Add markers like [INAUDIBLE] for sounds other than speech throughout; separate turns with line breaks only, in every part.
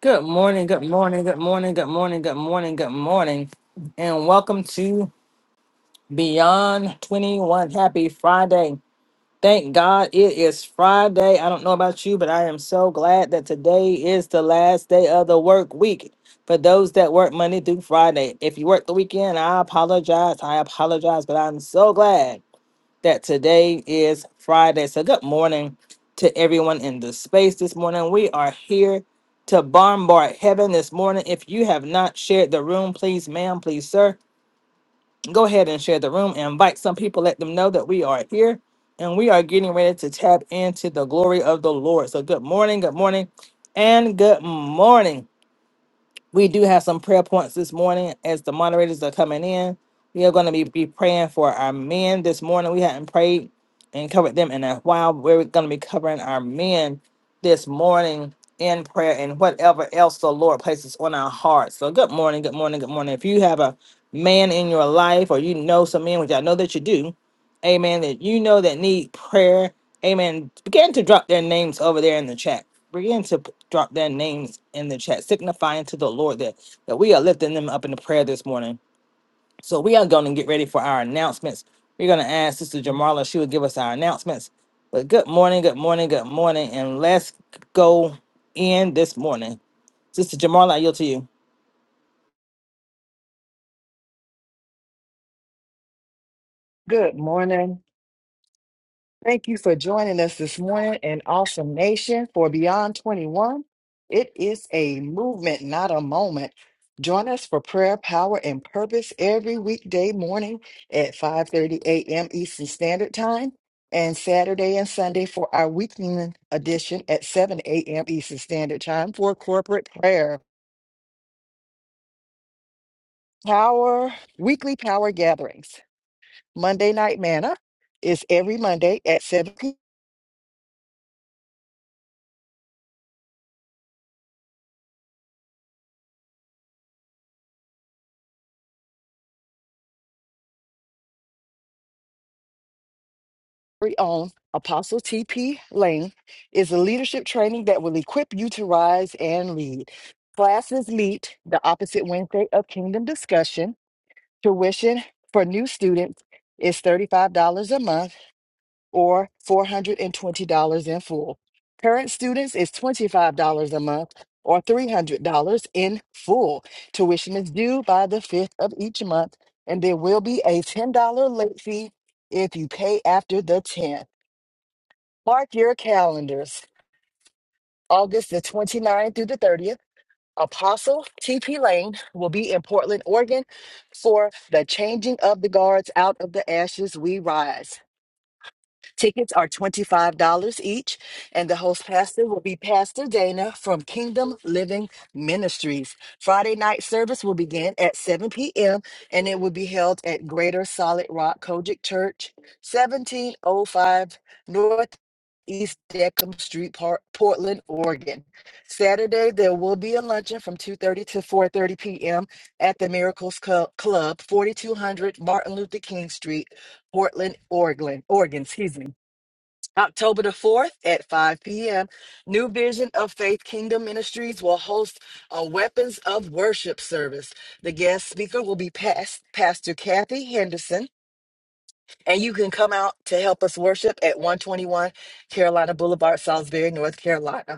Good morning, good morning, good morning, good morning, good morning, good morning, and welcome to Beyond 21. Happy Friday. Thank God it is Friday. I don't know about you, but I am so glad that today is the last day of the work week for those that work Monday through Friday. If you work the weekend, I apologize. I apologize, but I'm so glad that today is Friday. So, good morning to everyone in the space this morning. We are here to bombard heaven this morning. If you have not shared the room, please, ma'am, please, sir, go ahead and share the room. Invite some people, let them know that we are here and we are getting ready to tap into the glory of the Lord. So, good morning, good morning, and good morning. We do have some prayer points this morning as the moderators are coming in. We are going to be, be praying for our men this morning. We hadn't prayed and covered them in a while. We're going to be covering our men this morning in prayer and whatever else the Lord places on our hearts. So, good morning, good morning, good morning. If you have a man in your life or you know some men, which I know that you do, amen, that you know that need prayer, amen, begin to drop their names over there in the chat. Begin to p- drop their names in the chat, signifying to the Lord that, that we are lifting them up in the prayer this morning. So we are going to get ready for our announcements. We're going to ask Sister Jamarla, she will give us our announcements. But good morning, good morning, good morning, and let's go in this morning. Sister Jamarla, I yield to you.
Good morning. Thank you for joining us this morning in Awesome Nation for Beyond 21. It is a movement, not a moment. Join us for prayer, power, and purpose every weekday morning at 5:30 a.m. Eastern Standard Time and Saturday and Sunday for our weekend edition at 7 a.m. Eastern Standard Time for corporate prayer. Power weekly power gatherings. Monday night manna is every Monday at 7 p.m. very own Apostle TP Lane is a leadership training that will equip you to rise and lead. Classes meet the opposite Wednesday of Kingdom Discussion. Tuition for new students is $35 a month or $420 in full. Current students is $25 a month or $300 in full. Tuition is due by the 5th of each month, and there will be a $10 late fee if you pay after the 10th. Mark your calendars. August the 29th through the 30th, Apostle TP Lane will be in Portland, Oregon for the Changing of the Guards Out of the Ashes We Rise. Tickets are $25 each, and the host pastor will be Pastor Dana from Kingdom Living Ministries. Friday night service will begin at 7 p.m., and it will be held at Greater Solid Rock Kojic Church, 1705 North East Deckham Street, Par- Portland, Oregon. Saturday, there will be a luncheon from 2.30 to 4.30 p.m. at the Miracles Cl- Club, 4200 Martin Luther King Street, Portland, Oregon. Oregon, excuse me. October the 4th at 5 p.m., New Vision of Faith Kingdom Ministries will host a Weapons of Worship service. The guest speaker will be Pas- Pastor Kathy Henderson, and you can come out to help us worship at 121 Carolina Boulevard, Salisbury, North Carolina.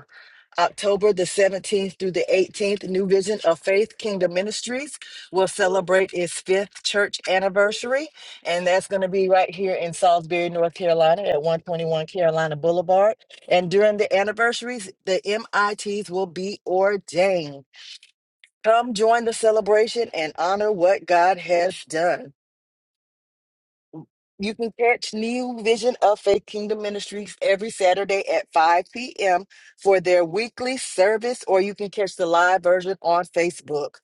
October the 17th through the 18th, New Vision of Faith Kingdom Ministries will celebrate its fifth church anniversary. And that's going to be right here in Salisbury, North Carolina at 121 Carolina Boulevard. And during the anniversaries, the MITs will be ordained. Come join the celebration and honor what God has done. You can catch New Vision of Faith Kingdom Ministries every Saturday at 5 p.m. for their weekly service, or you can catch the live version on Facebook.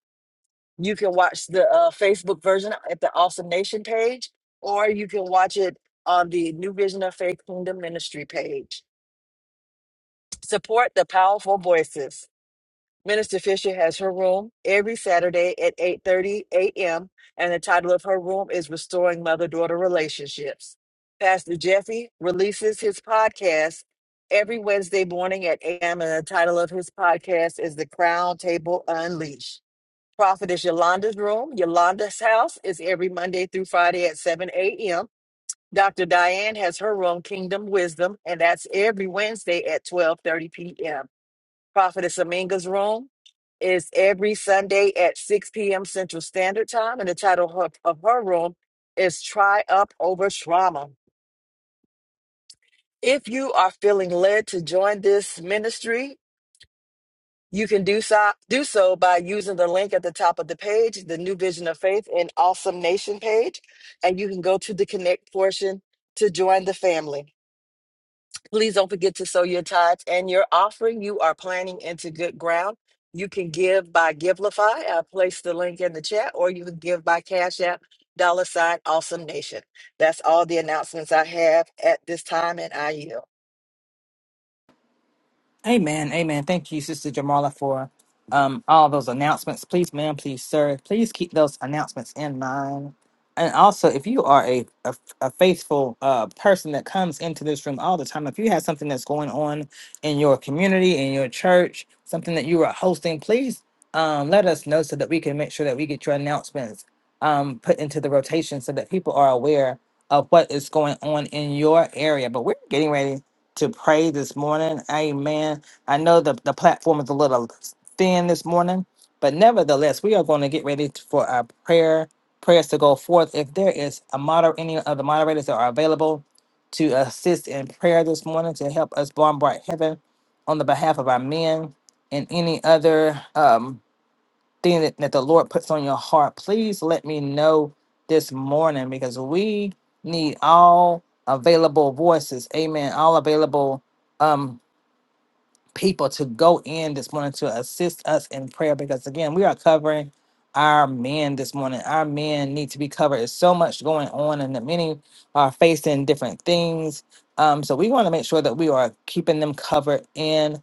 You can watch the uh, Facebook version at the Awesome Nation page, or you can watch it on the New Vision of Faith Kingdom Ministry page. Support the powerful voices. Minister Fisher has her room every Saturday at 8:30 a.m. and the title of her room is Restoring Mother-Daughter Relationships. Pastor Jeffy releases his podcast every Wednesday morning at 8 a.m. and the title of his podcast is The Crown Table Unleashed. Prophetess Yolanda's room, Yolanda's house is every Monday through Friday at 7 a.m. Dr. Diane has her room, Kingdom Wisdom, and that's every Wednesday at 12:30 p.m. Prophetess Aminga's room is every Sunday at 6 p.m. Central Standard Time, and the title of her, of her room is Try Up Over Trauma. If you are feeling led to join this ministry, you can do so, do so by using the link at the top of the page, the New Vision of Faith and Awesome Nation page, and you can go to the Connect portion to join the family. Please don't forget to sow your tithes and your offering. You are planting into good ground. You can give by Givelify. I placed the link in the chat, or you can give by Cash App, dollar sign, awesome nation. That's all the announcements I have at this time, and I yield.
Amen. Amen. Thank you, Sister Jamala, for um, all those announcements. Please, ma'am, please, sir, please keep those announcements in mind. And also, if you are a, a, a faithful uh, person that comes into this room all the time, if you have something that's going on in your community, in your church, something that you are hosting, please um, let us know so that we can make sure that we get your announcements um, put into the rotation so that people are aware of what is going on in your area. But we're getting ready to pray this morning. Amen. I know the, the platform is a little thin this morning, but nevertheless, we are going to get ready t- for our prayer prayers to go forth. If there is a moder any of the moderators that are available to assist in prayer this morning to help us bombard heaven on the behalf of our men and any other um, thing that, that the Lord puts on your heart, please let me know this morning because we need all available voices. Amen. All available um people to go in this morning to assist us in prayer because again, we are covering our men this morning. Our men need to be covered. There's so much going on and the many are facing different things. Um, so we want to make sure that we are keeping them covered in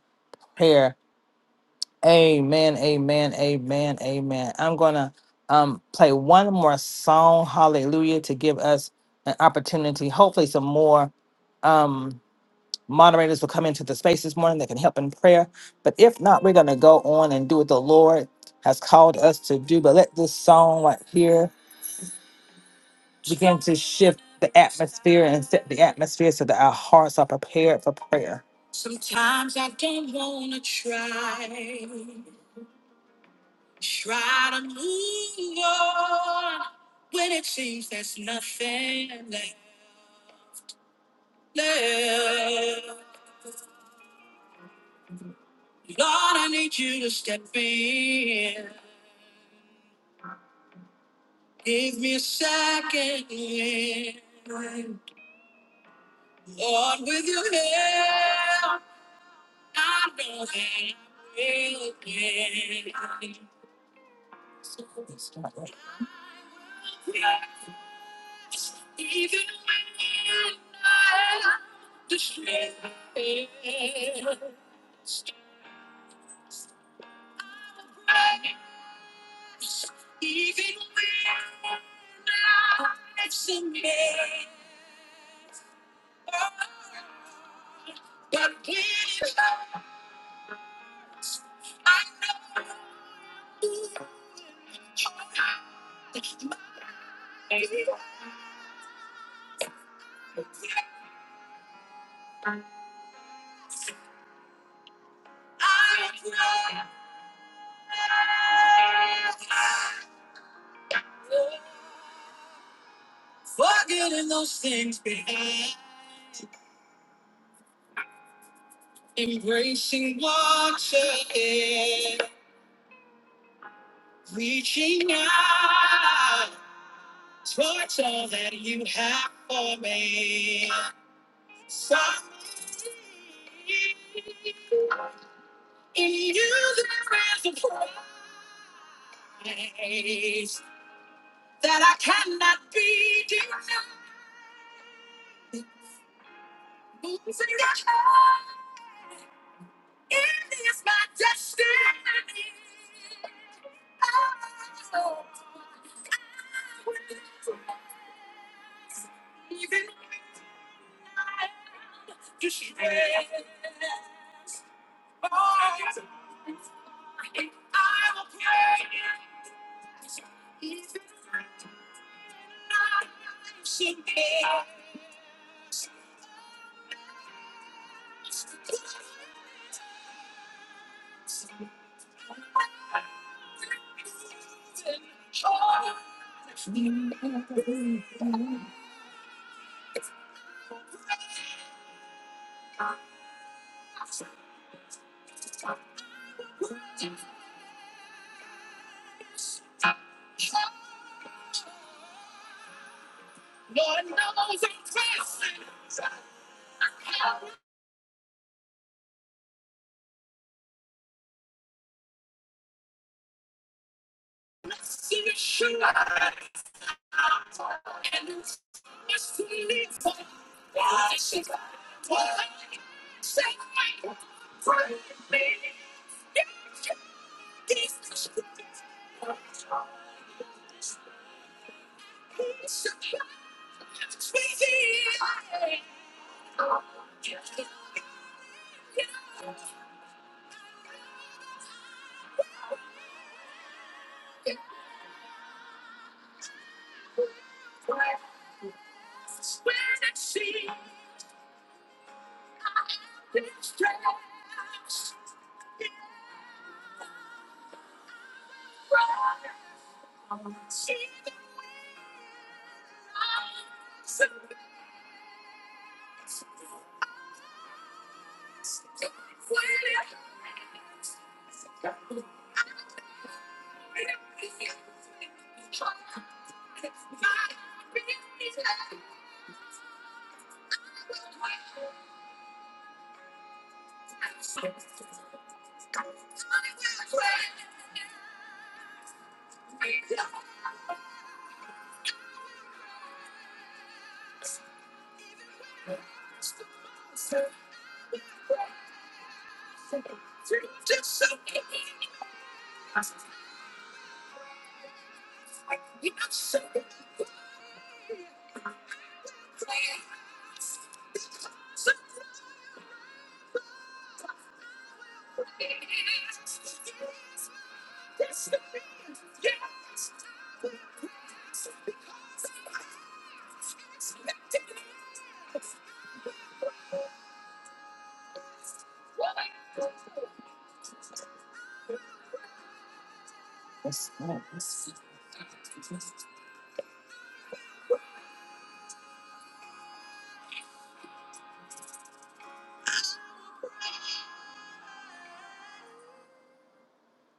prayer Amen, amen, amen, amen. I'm gonna um play one more song, hallelujah, to give us an opportunity. Hopefully, some more um moderators will come into the space this morning that can help in prayer. But if not, we're gonna go on and do what the Lord has called us to do. But let this song right here begin to shift the atmosphere and set the atmosphere so that our hearts are prepared for prayer.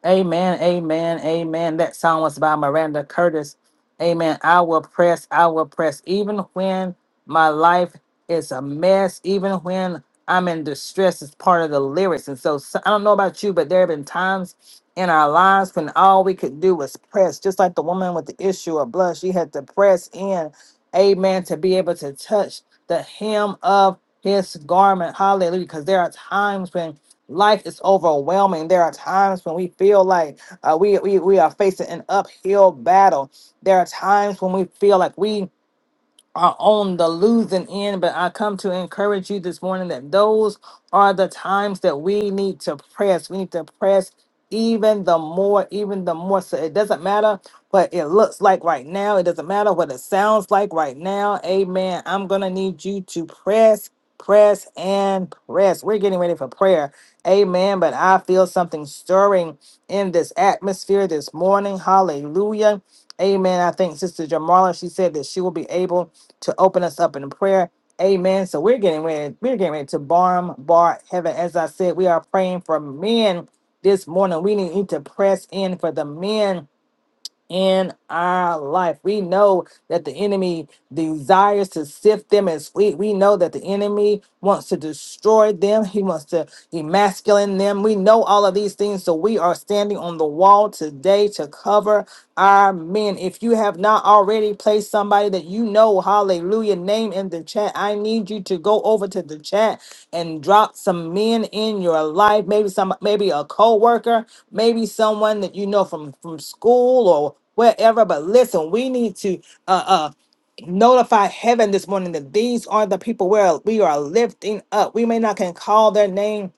Amen, amen, amen. That song was by Miranda Curtis. Amen. I will press, I will press. Even when my life is a mess, even when I'm in distress, it's part of the lyrics. And so, so- I don't know about you, but there have been times in our lives when all we could do was press, just like the woman with the issue of blood. She had to press in, amen, to be able to touch the hem of his garment. Hallelujah. Because there are times when Life is overwhelming. There are times when we feel like uh, we, we we are facing an uphill battle. There are times when we feel like we are on the losing end, but I come to encourage you this morning that those are the times that we need to press. We need to press even the more, even the more. So it doesn't matter what it looks like right now, it doesn't matter what it sounds like right now. Amen. I'm going to need you to press. Press and press. We're getting ready for prayer. Amen. But I feel something stirring in this atmosphere this morning. Hallelujah. Amen. I think Sister Jamarla, she said that she will be able to open us up in prayer. Amen. So we're getting ready. We're getting ready to barm bar heaven. As I said, we are praying for men this morning. We need to press in for the men in our life. We know that the enemy desires to sift them as wheat. We know that the enemy wants to destroy them. He wants to emasculate them. We know all of these things. So we are standing on the wall today to cover our men. If you have not already placed somebody that you know, hallelujah, name in the chat, I need you to go over to the chat and drop some men in your life maybe some maybe a co-worker maybe someone that you know from from school or wherever but listen we need to uh uh notify heaven this morning that these are the people where we are lifting up we may not can call their name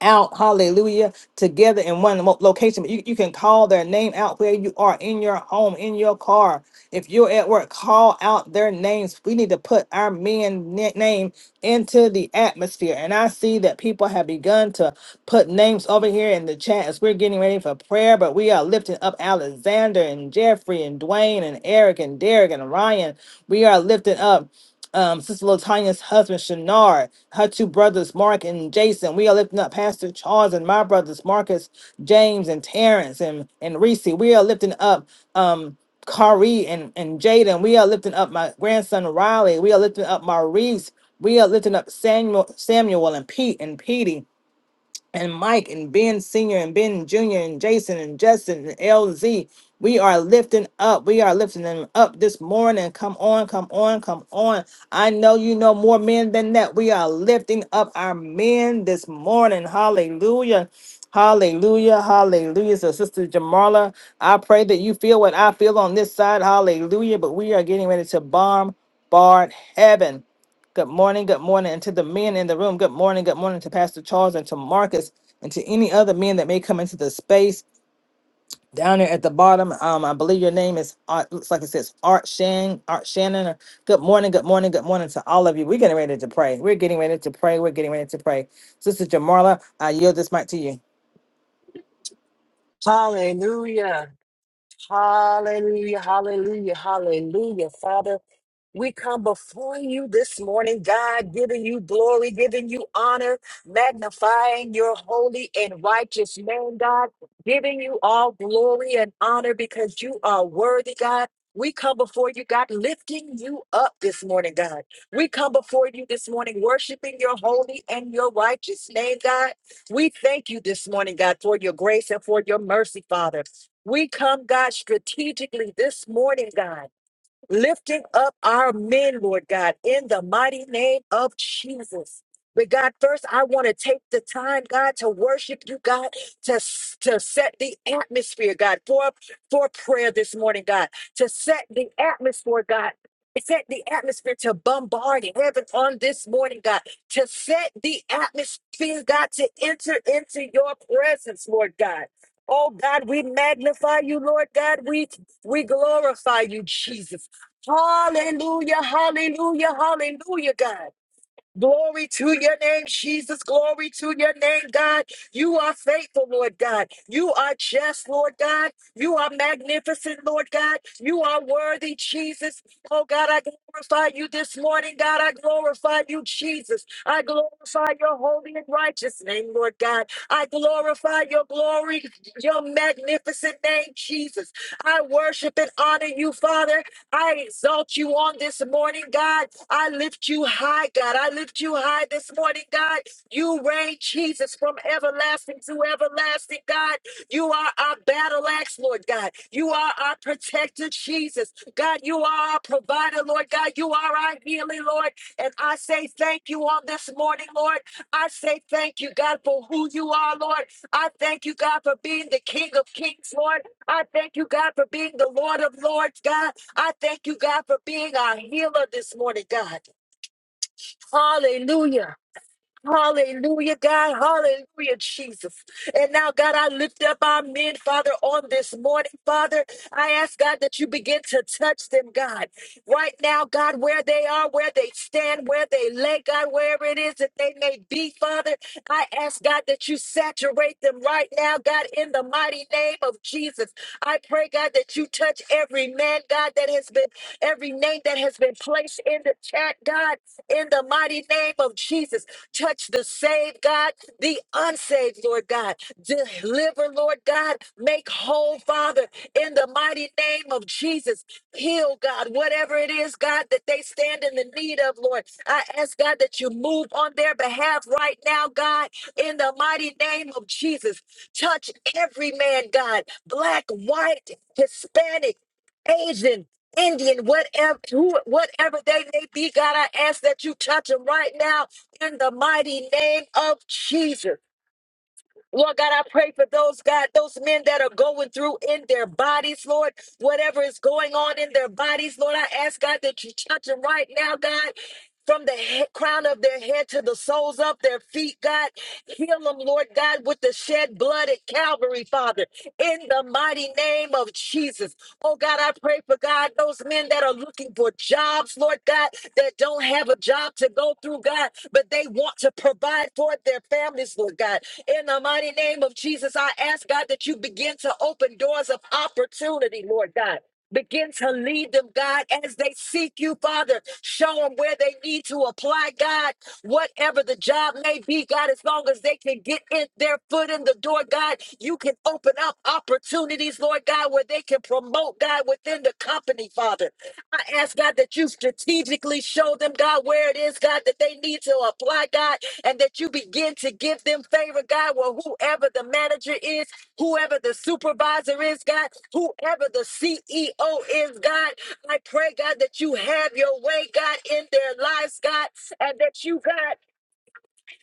out hallelujah together in one lo- location but you, you can call their name out where you are in your home in your car if you're at work, call out their names. We need to put our men na- name into the atmosphere. And I see that people have begun to put names over here in the chat as we're getting ready for prayer, but we are lifting up Alexander and Jeffrey and Dwayne and Eric and Derek and Ryan. We are lifting up um, Sister Latanya's husband, Shannar, her two brothers, Mark and Jason. We are lifting up Pastor Charles and my brothers, Marcus, James, and Terrence and, and Reese. We are lifting up. Um, Kari and, and Jaden. We are lifting up my grandson Riley. We are lifting up Maurice. We are lifting up Samuel, Samuel and Pete and Petey and Mike and Ben Senior and Ben Junior and Jason and Justin and LZ. We are lifting up. We are lifting them up this morning. Come on, come on, come on. I know you know more men than that. We are lifting up our men this morning. Hallelujah. Hallelujah. Hallelujah. So, Sister Jamarla, I pray that you feel what I feel on this side. Hallelujah. But we are getting ready to bombard heaven. Good morning, good morning, and to the men in the room. Good morning, good morning to Pastor Charles and to Marcus and to any other men that may come into the space down there at the bottom. Um, I believe your name is Art, looks like it says Art Shan, Art Shannon. or- Good morning, good morning, good morning to all of you. We're getting ready to pray. We're getting ready to pray. We're getting ready to pray. Sister Jamarla, I yield this mic to you.
Hallelujah. Hallelujah. Hallelujah. Hallelujah. Father. We come before you this morning, God, giving you glory, giving you honor, magnifying your holy and righteous name, God, giving you all glory and honor because you are worthy, God. We come before you, God, lifting you up this morning, God. We come before you this morning, worshiping your holy and your righteous name, God. We thank you this morning, God, for your grace and for your mercy, Father. We come, God, strategically this morning, God lifting up our men, Lord God, in the mighty name of Jesus. But God, first, I want to take the time, God, to worship you, God, to, to set the atmosphere, God, for, for prayer this morning, God, to set the atmosphere, God. Set the atmosphere to bombard heaven on this morning, God. To set the atmosphere, God, to enter into your presence, Lord God. Oh God, we magnify you, Lord God. We we glorify you, Jesus. Hallelujah, hallelujah, hallelujah, God. Glory to your name, Jesus. Glory to your name, God. You are faithful, Lord God. You are just, Lord God. You are magnificent, Lord God. You are worthy, Jesus. Oh, God, I glorify you this morning, God. I glorify you, Jesus. I glorify your holy and righteous name, Lord God. I glorify your glory, your magnificent name, Jesus. I worship and honor you, Father. I exalt you on this morning, God. I lift you high, God. I lift you high this morning, God. You reign, Jesus, from everlasting to everlasting, God. You are our battle axe, Lord God. You are our protector, Jesus. God, you are our provider, Lord God. You are our healing, Lord. And I say thank you on this morning, Lord. I say thank you, God, for who you are, Lord. I thank you, God, for being the King of Kings, Lord. I thank you, God, for being the Lord of Lords, God. I thank you, God, for being our healer this morning, God. Hallelujah. Hallelujah, God. Hallelujah, Jesus. And now, God, I lift up our men, Father, on this morning, Father. I ask, God, that you begin to touch them, God. Right now, God, where they are, where they stand, where they lay, God, wherever it is that they may be, Father. I ask, God, that you saturate them right now, God, in the mighty name of Jesus. I pray, God, that you touch every man, God, that has been, every name that has been placed in the chat, God, in the mighty name of Jesus. Touch the saved, God, the unsaved, Lord God. Deliver, Lord God. Make whole, Father, in the mighty name of Jesus. Heal, God, whatever it is, God, that they stand in the need of, Lord. I ask, God, that you move on their behalf right now, God, in the mighty name of Jesus. Touch every man, God, black, white, Hispanic, Asian, Indian, whatever, who, whatever they may be, God, I ask that you touch them right now in the mighty name of Jesus. Lord God, I pray for those, God, those men that are going through in their bodies, Lord, whatever is going on in their bodies, Lord, I ask, God, that you touch them right now, God. From the he- crown of their head to the soles of their feet, God. Heal them, Lord God, with the shed blood at Calvary, Father, in the mighty name of Jesus. Oh, God, I pray for God, those men that are looking for jobs, Lord God, that don't have a job to go through, God, but they want to provide for their families, Lord God. In the mighty name of Jesus, I ask God that you begin to open doors of opportunity, Lord God. Begin to lead them, God, as they seek you, Father. Show them where they need to apply, God, whatever the job may be, God, as long as they can get in their foot in the door, God, you can open up opportunities, Lord God, where they can promote, God, within the company, Father. I ask, God, that you strategically show them, God, where it is, God, that they need to apply, God, and that you begin to give them favor, God. Well, whoever the manager is, whoever the supervisor is, God, whoever the CEO is, God, I pray, God, that you have your way, God, in their lives, God, and that you, God,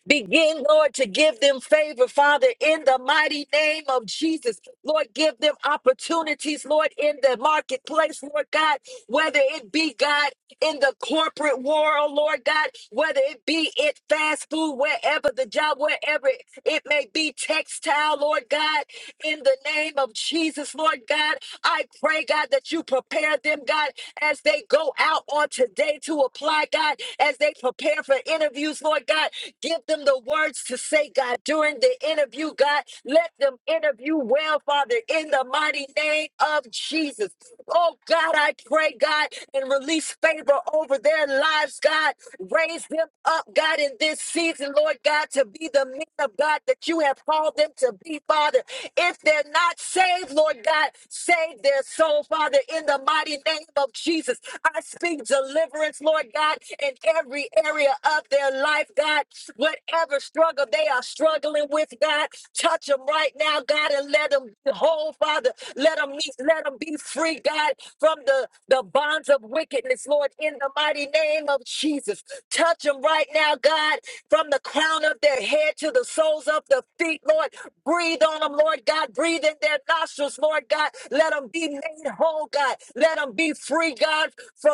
Begin, Lord, to give them favor, Father, in the mighty name of Jesus. Lord, give them opportunities, Lord, in the marketplace, Lord God, whether it be, God, in the corporate world, Lord God, whether it be it fast food, wherever the job, wherever it may be, textile, Lord God, in the name of Jesus, Lord God, I pray, God, that you prepare them, God, as they go out on today to apply, God, as they prepare for interviews, Lord God. Give them the words to say, God, during the interview, God. Let them interview well, Father, in the mighty name of Jesus. Oh, God, I pray, God, and release favor over their lives, God. Raise them up, God, in this season, Lord God, to be the men of God that you have called them to be, Father. If they're not saved, Lord God, save their soul, Father, in the mighty name of Jesus. I speak deliverance, Lord God, in every every area of their life, God. Whatever struggle they are struggling with, God, touch them right now, God, and let them be whole, Father. Let them meet, let them be free, God, from the, the bonds of wickedness, Lord, in the mighty name of Jesus. Touch them right now, God, from the crown of their head to the soles of their feet, Lord. Breathe on them, Lord God. Breathe in their nostrils, Lord God. Let them be made whole, God. Let them be free, God, from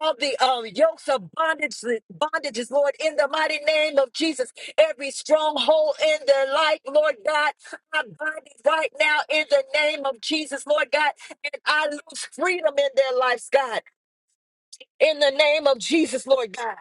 all the um, yokes of bondage, bondages, Lord, in the mighty name of Jesus. Every stronghold in their life, Lord God, I bind it right now in the name of Jesus, Lord God, and I lose freedom in their lives, God. In the name of Jesus, Lord God.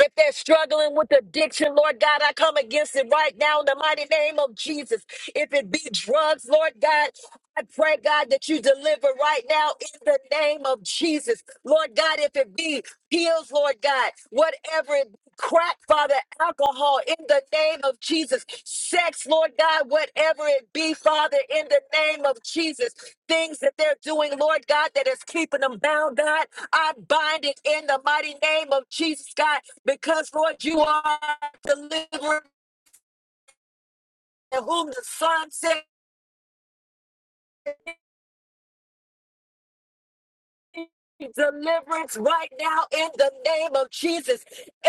If they're struggling with addiction, Lord God, I come against it right now in the mighty name of Jesus. If it be drugs, Lord God, I pray, God, that you deliver right now in the name of Jesus. Lord God, if it be pills, Lord God, whatever it be, crack, Father, alcohol, in the name of Jesus. Sex, Lord God, whatever it be, Father, in the name of Jesus. Things that they're doing, Lord God, that is keeping them bound, God. I bind it in the mighty name of Jesus, God, because Lord, you are delivering whom the Son set Deliverance right now in the name of Jesus.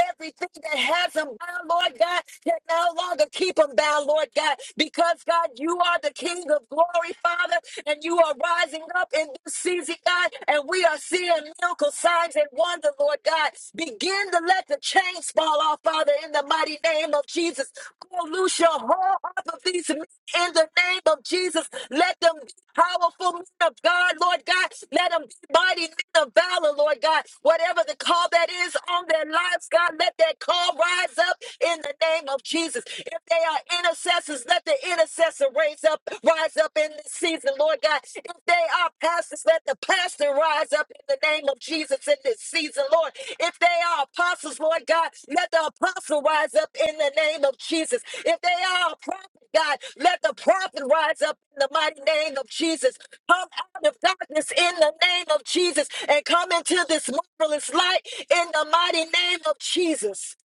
Everything that has them bound, Lord God, can no longer keep them bound, Lord God, because God, you are the King of glory, Father, and you are rising up in this season, God, and we are seeing miracle signs and wonder, Lord God. Begin to let the chains fall off, Father, in the mighty name of Jesus. Go loose your whole heart of these men in the name of Jesus. Let them be powerful men of God, Lord God. Let them be mighty men of valor, Lord God. Whatever the call that is on their lives, God, let that call rise up in the name of Jesus. If they are intercessors, let the intercessor raise up, rise up in this season, Lord God. If they are pastors, let the pastor rise up in the name of Jesus in this season, Lord. If they are apostles, Lord God, let the apostle rise up in the name of Jesus. If they are a prophet, God, let the prophet rise up in the mighty name of Jesus. Come out of darkness in the name of Jesus and come into this marvelous light in the mighty name of Jesus.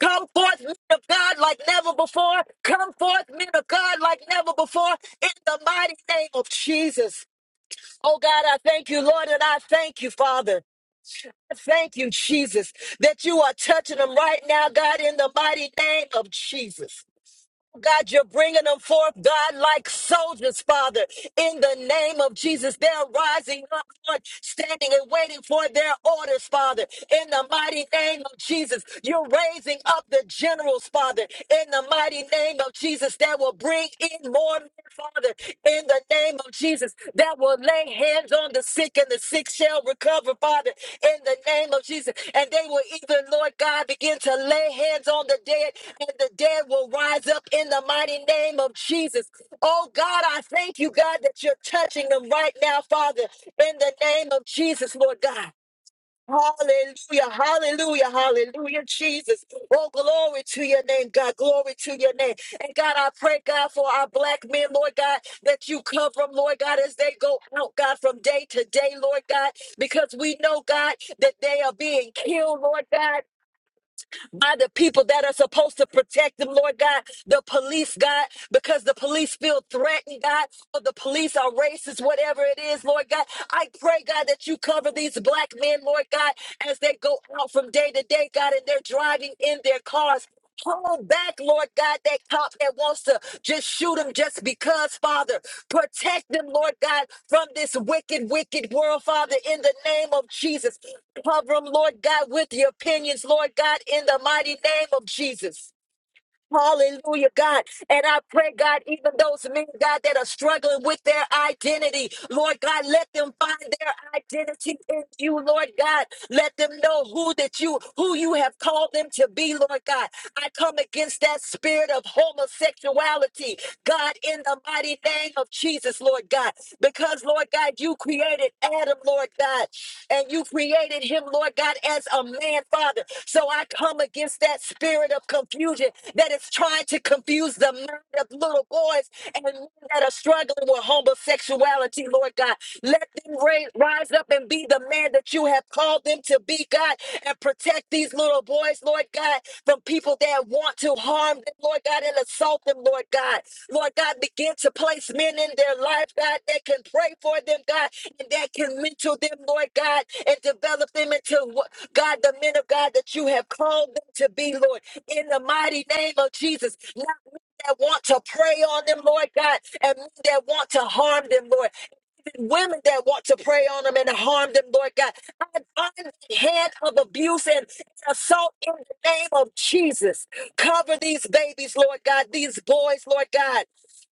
Come forth, men of God, like never before. Come forth, men of God, like never before, in the mighty name of Jesus. Oh God, I thank you, Lord, and I thank you, Father. I Thank you, Jesus, that you are touching them right now, God, in the mighty name of Jesus. God, you're bringing them forth, God, like soldiers, Father, in the name of Jesus. They're rising up, Lord, standing and waiting for their orders, Father, in the mighty name of Jesus. You're raising up the generals, Father, in the mighty name of Jesus. that will bring in more men, Father, in the name of Jesus, that will lay hands on the sick and the sick shall recover, Father, in the name of Jesus. And they will even, Lord God, begin to lay hands on the dead, and the dead will rise up in the mighty name of Jesus. Oh God, I thank you, God, that you're touching them right now, Father, in the name of Jesus, Lord God. Hallelujah, hallelujah, hallelujah, Jesus. Oh, glory to your name, God. Glory to your name. And God, I pray, God, for our black men, Lord God, that you cover them, Lord God, as they go out, God, from day to day, Lord God, because we know, God, that they are being killed, Lord God by the people that are supposed to protect them, Lord God, the police, God, because the police feel threatened, God, or the police are racist, whatever it is, Lord God. I pray, God, that you cover these black men, Lord God, as they go out from day to day, God, and they're driving in their cars. Hold back, Lord God, that cop that wants to just shoot him just because, Father. Protect them, Lord God, from this wicked, wicked world, Father, in the name of Jesus. Cover them, Lord God, with your opinions, Lord God, in the mighty name of Jesus. Hallelujah, God. And I pray, God, even those men, God, that are struggling with their identity, Lord God, let them find their identity in you, Lord God. Let them know who that you, who you have called them to be, Lord God. I come against that spirit of homosexuality, God, in the mighty name of Jesus, Lord God. Because, Lord God, you you created Adam, Lord God, and you created him, Lord God, as a man, Father. So I come against that spirit of confusion that is trying to confuse the mind of little boys and men that are struggling with homosexuality, Lord God. Let them ra- rise up and be the man that you have called them to be, God, and protect these little boys, Lord God, from people that want to harm them, Lord God, and assault them, Lord God. Lord God, begin to place men in their life, God, that can pray for them, God, and that can mentor them, Lord God, and develop them into what, God, the men of God that you have called them to be, Lord, in the mighty name of Jesus. Not men that want to prey on them, Lord God, and men that want to harm them, Lord, and women that want to prey on them and harm them, Lord God. I bind the hand of abuse and assault in the name of Jesus. Cover these babies, Lord God, these boys, Lord God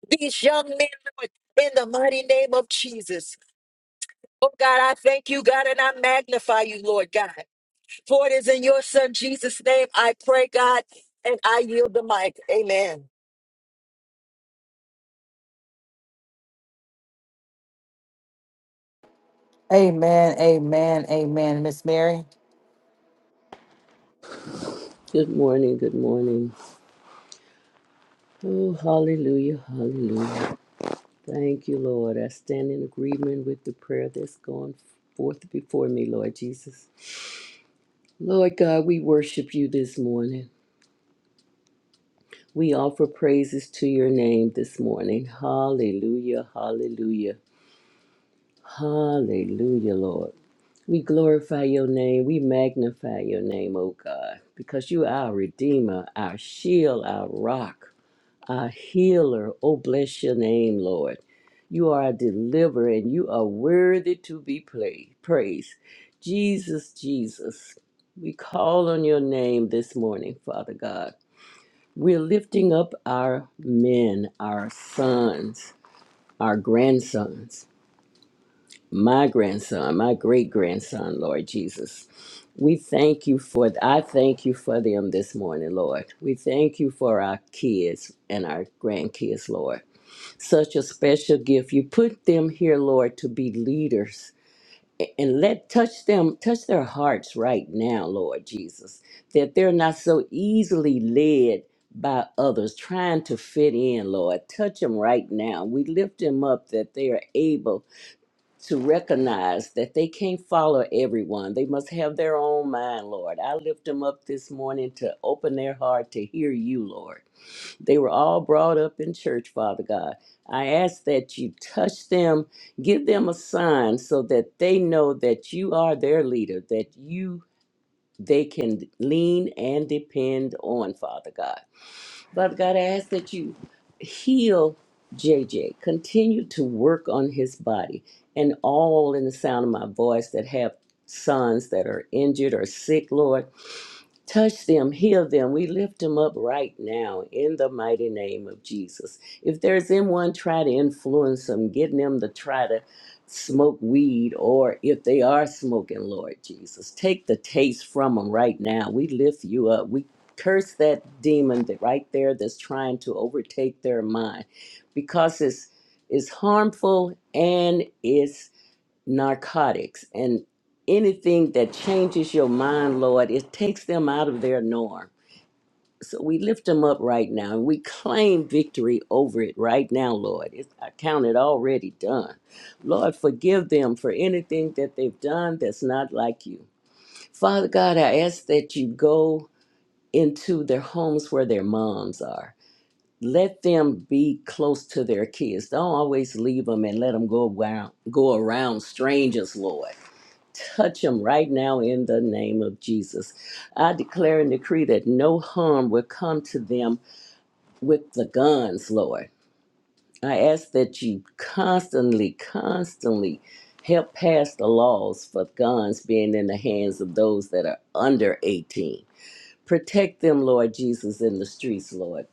these young men, Lord, in the mighty name of Jesus. Oh God, I thank you, God, and I magnify you, Lord God. For it is in your Son Jesus' name I pray, God, and I yield the mic. Amen.
Amen, amen, amen. Miss Mary.
Good morning, good morning. Oh, hallelujah, hallelujah. Thank you, Lord. I stand in agreement with the prayer that's gone forth before me, Lord Jesus. Lord God, we worship you this morning. We offer praises to your name this morning. Hallelujah, hallelujah, hallelujah, Lord. We glorify your name. We magnify your name, oh God, because you are our Redeemer, our shield, our rock. a healer. Oh, bless your name, Lord. You are a deliverer and you are worthy to be pla- praised. Jesus, Jesus, we call on your name this morning, Father God. We're lifting up our men, our sons, our grandsons, my grandson, my great grandson, Lord Jesus. We thank you for, I thank you for them this morning, Lord. We thank you for our kids and our grandkids, Lord such a special gift. You put them here, Lord, to be leaders and let touch them, touch their hearts right now, Lord Jesus, that they're not so easily led by others trying to fit in, Lord. Touch them right now. We lift them up that they are able to recognize that they can't follow everyone. They must have their own mind, Lord. I lift them up this morning to open their heart to hear you, Lord they were all brought up in church, Father God. I ask that you touch them, give them a sign so that they know that you are their leader, that you they can lean and depend on, Father God. Father God, I ask that you heal J J. Continue to work on his body and all in the sound of my voice that have sons that are injured or sick, Lord. Touch them, heal them. We lift them up right now in the mighty name of Jesus. If there's anyone try to influence them, getting them to try to smoke weed, or if they are smoking, Lord Jesus, take the taste from them right now. We lift you up. We curse that demon that right there that's trying to overtake their mind because it's it's harmful and it's narcotics and anything that changes your mind, Lord, it takes them out of their norm. So we lift them up right now and we claim victory over it right now, Lord. It's, I count it already done. Lord, forgive them for anything that they've done that's not like you. Father God, I ask that you go into their homes where their moms are. Let them be close to their kids. Don't always leave them and let them go around, go around strangers, Lord. Touch him right now in the name of Jesus. I declare and decree that no harm will come to them with the guns, Lord. I ask that you constantly, constantly help pass the laws for guns being in the hands of those that are under 18. Protect them, Lord Jesus, in the streets, Lord.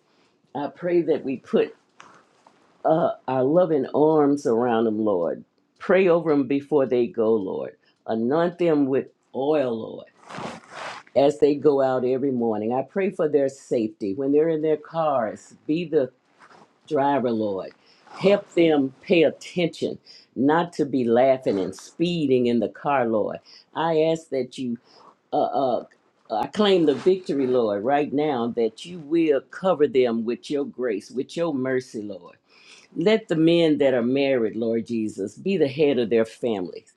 I pray that we put uh, our loving arms around them, Lord. Pray over them before they go, Lord. Anoint them with oil, Lord as they go out every morning. I pray for their safety. When they're in their cars, be the driver, Lord. Help them pay attention, not to be laughing and speeding in the car, Lord. I ask that you, uh, uh, uh, I claim the victory, Lord, right now, that you will cover them with your grace, with your mercy, Lord. Let the men that are married, Lord Jesus, be the head of their families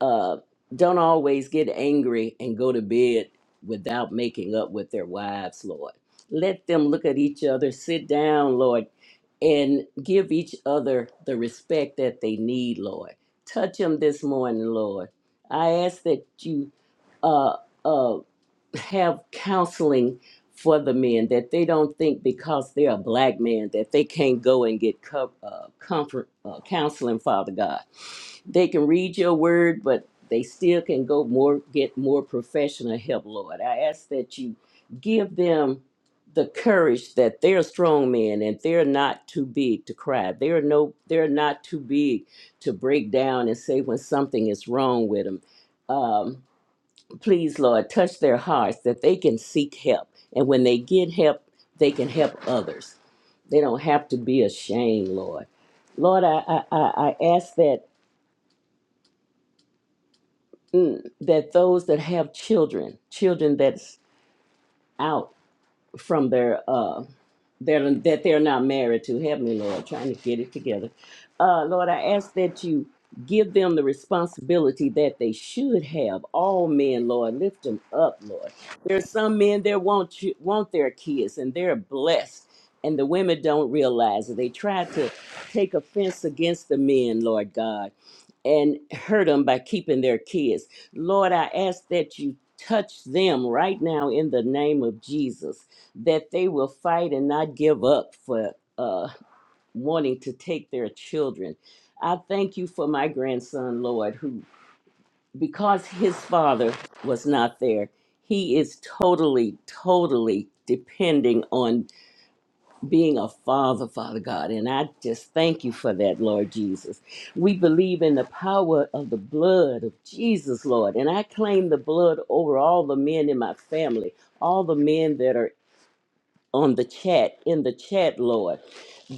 uh, don't always get angry and go to bed without making up with their wives, Lord. Let them look at each other, sit down, Lord, and give each other the respect that they need, Lord. Touch them this morning, Lord. I ask that you. Uh, uh, have counseling for the men that they don't think because they're a black man that they can't go and get co- uh, comfort uh, counseling father god they can read your word but they still can go more get more professional help lord i ask that you give them the courage that they're strong men and they're not too big to cry they're no they're not too big to break down and say when something is wrong with them Please, Lord, touch their hearts that they can seek help. And when they get help, they can help others. They don't have to be ashamed, Lord. Lord, I, I, I I ask that mm, that those that have children, children that's out from their uh their that they're not married to. Heavenly Lord, trying to get it together. Uh Lord, I ask that you give them the responsibility that they should have. All men, Lord, lift them up, Lord. There are some men that want you want their kids and they're blessed. And the women don't realize it. They try to take offense against the men, Lord God and hurt them by keeping their kids. Lord, I ask that you touch them right now in the name of Jesus, that they will fight and not give up for uh, wanting to take their children. I thank you for my grandson, Lord, who, because his father was not there, he is totally, totally depending on being a father, Father God. And I just thank you for that, Lord Jesus. We believe in the power of the blood of Jesus, Lord. And I claim the blood over all the men in my family, all the men that are on the chat, in the chat, Lord,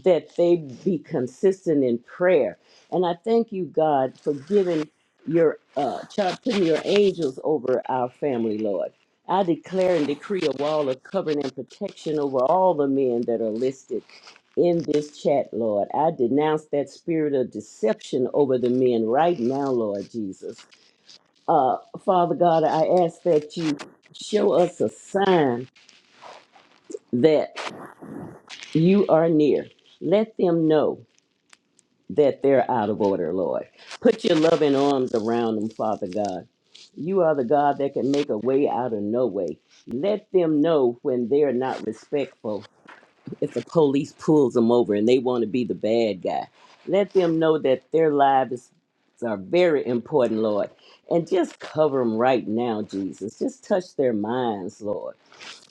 that they be consistent in prayer. And I thank you, God, for giving your uh child putting your angels over our family, Lord. I declare and decree a wall of covering and protection over all the men that are listed in this chat, Lord. I denounce that spirit of deception over the men right now, Lord Jesus. Uh, Father God, I ask that you show us a sign you are near. Let them know that they're out of order, Lord. Put your loving arms around them, Father God. You are the God that can make a way out of no way. Let them know when they're not respectful. If the police pulls them over and they want to be the bad guy, let them know that their lives are very important, Lord. And just cover them right now, Jesus. Just touch their minds, Lord.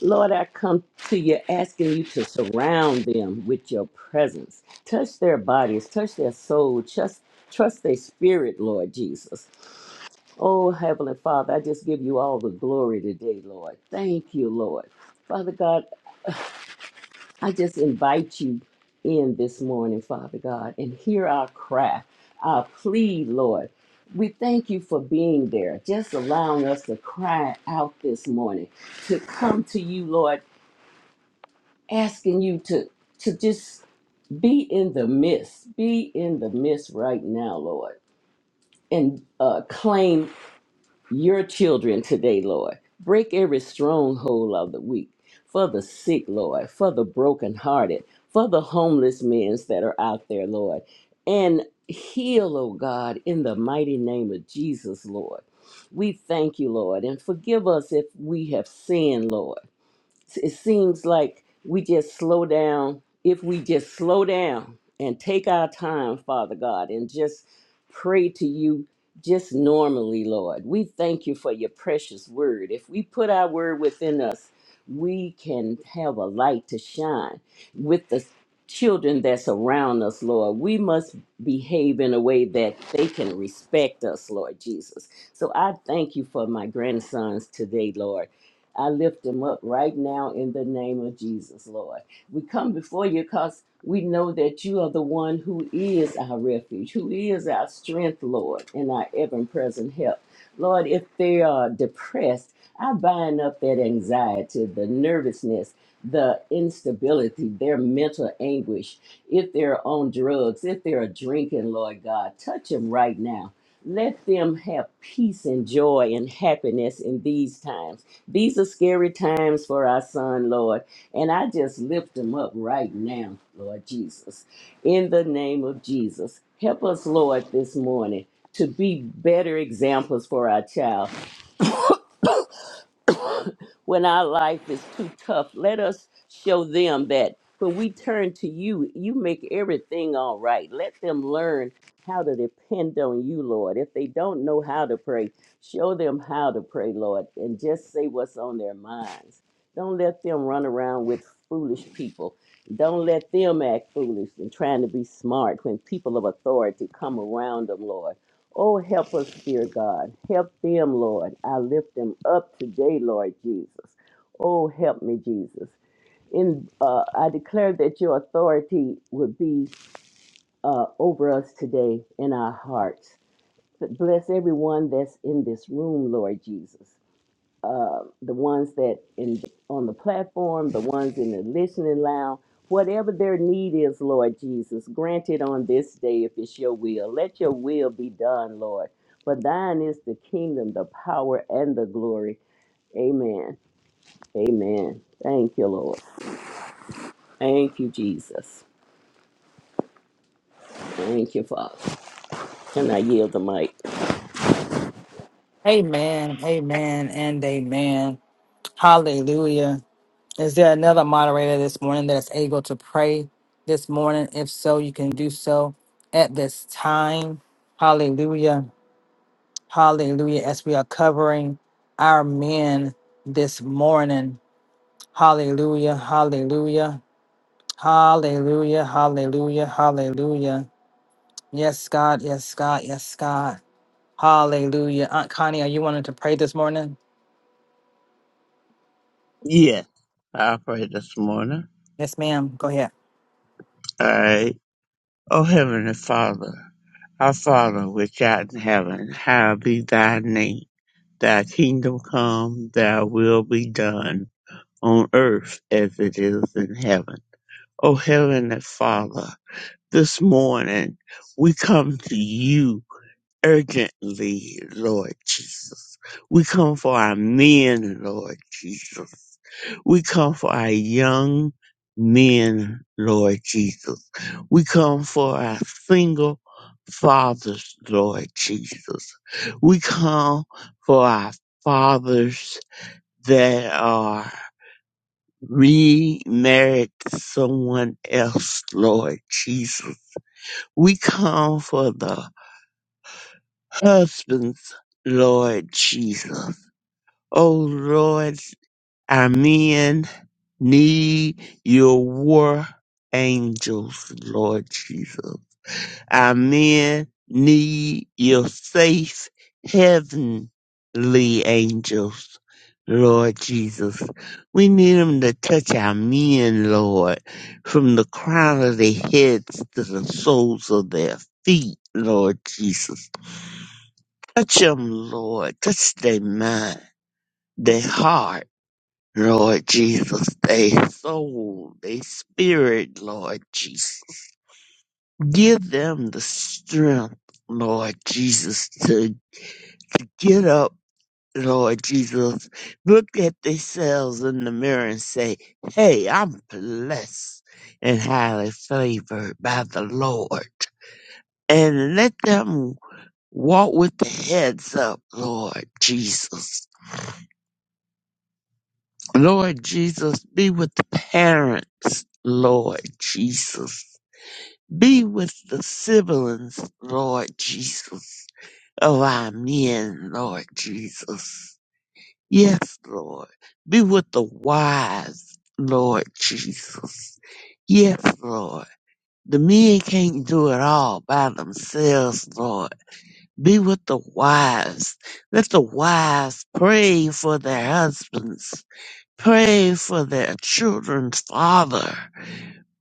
Lord, I come to you asking you to surround them with your presence. Touch their bodies, touch their soul, trust, trust their spirit, Lord Jesus. Oh, Heavenly Father, I just give you all the glory today, Lord. Thank you, Lord. Father God, I just invite you in this morning, Father God, and hear our cry, our plea, Lord. We thank you for being there, just allowing us to cry out this morning, to come to you, Lord asking you to to just be in the midst be in the midst right now lord and uh, claim your children today lord break every stronghold of the weak for the sick lord for the brokenhearted for the homeless men that are out there lord and heal oh god in the mighty name of jesus lord we thank you lord and forgive us if we have sinned lord it seems like we just slow down. If we just slow down and take our time, Father God, and just pray to you just normally, Lord, we thank you for your precious word. If we put our word within us, we can have a light to shine with the children that's around us, Lord. We must behave in a way that they can respect us, Lord Jesus. So I thank you for my grandsons today, Lord I lift him up right now in the name of Jesus, Lord. We come before you because we know that you are the one who is our refuge, who is our strength, Lord, and our ever present help. Lord, if they are depressed, I bind up that anxiety, the nervousness, the instability, their mental anguish. If they're on drugs, if they're drinking, Lord God, touch them right now. Let them have peace and joy and happiness in these times. These are scary times for our son, Lord. And I just lift him up right now, Lord Jesus. In the name of Jesus, help us, Lord, this morning to be better examples for our child when our life is too tough. Let us show them that when we turn to you, you make everything all right. Let them learn how to depend on you, Lord. If they don't know how to pray, show them how to pray, Lord, and just say what's on their minds. Don't let them run around with foolish people. Don't let them act foolish and trying to be smart when people of authority come around them, Lord. Oh, help us, dear God. Help them, Lord. I lift them up today, Lord Jesus. Oh, help me, Jesus. In uh, I declare that your authority would be uh, over us today in our hearts. bless everyone that's in this room, Lord Jesus uh, the ones that in on the platform, the ones in the listening lounge, whatever their need is, Lord Jesus, grant it on this day if it's your will. Let your will be done, Lord. For thine is the kingdom, the power, and the glory. Amen. Amen. Thank you, Lord. Thank you, Jesus. Thank you, Father. And I yield the mic.
Amen, amen, and amen. Hallelujah. Is there another moderator this morning that's able to pray this morning? If so, you can do so at this time. Hallelujah. Hallelujah. As we are covering our men this morning. Hallelujah. Hallelujah. Hallelujah. Hallelujah. Hallelujah. Yes, God. Yes, God. Yes, God. Hallelujah. Aunt Connie, are you wanting to pray this morning?
Yeah, I'll pray this morning.
Yes, ma'am. Go ahead.
All right. Oh, Heavenly Father, our Father which art in heaven, hallowed be thy name. Thy kingdom come, thy will be done on earth as it is in heaven. Oh, Heavenly Father, this morning we come to you urgently, Lord Jesus. We come for our men, Lord Jesus. We come for our young men, Lord Jesus. We come for our single fathers, Lord Jesus. We come for our fathers that are remarried to someone else, Lord Jesus. We come for the husbands, Lord Jesus. Oh Lord, Our men need your war angels, Lord Jesus. Our men need your safe heavenly angels, Lord Jesus. We need them to touch our men, Lord, from the crown of their heads to the soles of their feet, Lord Jesus. Touch them, Lord. Touch their mind, their heart Lord Jesus, their soul, their spirit, Lord Jesus. Give them the strength, Lord Jesus, to get up, Lord Jesus. Look at themselves in the mirror and say, Hey, I'm blessed and highly favored by the Lord. And let them walk with the heads up, Lord Jesus. Lord Jesus, be with the parents, Lord Jesus Be with the siblings, Lord Jesus, of our men, Lord Jesus. Yes, Lord. Be with the wives, Lord Jesus. Yes, Lord. The men can't do it all by themselves, Lord. Be with the wives. Let the wives pray for their husbands. Pray for their children's father.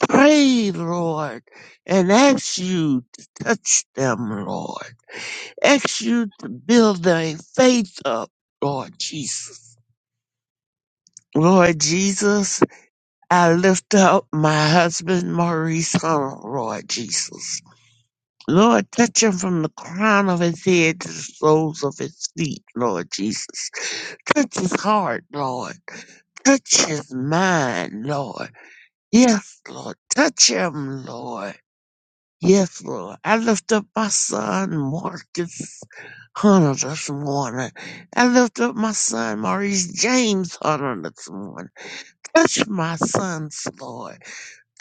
Pray, Lord, and ask you to touch them, Lord. Ask you to build their faith up, Lord Jesus. Lord Jesus, I lift up my husband, Maurice Hunter, Lord Jesus. Lord, touch him from the crown of his head to the soles of his feet, Lord Jesus. Touch his heart, Lord. Touch his mind, Lord. Yes, Lord. Touch him, Lord. Yes, Lord. I lift up my son, Marcus Hunter, this morning. I lift up my son, Maurice James Hunter, this morning. Touch my sons, Lord.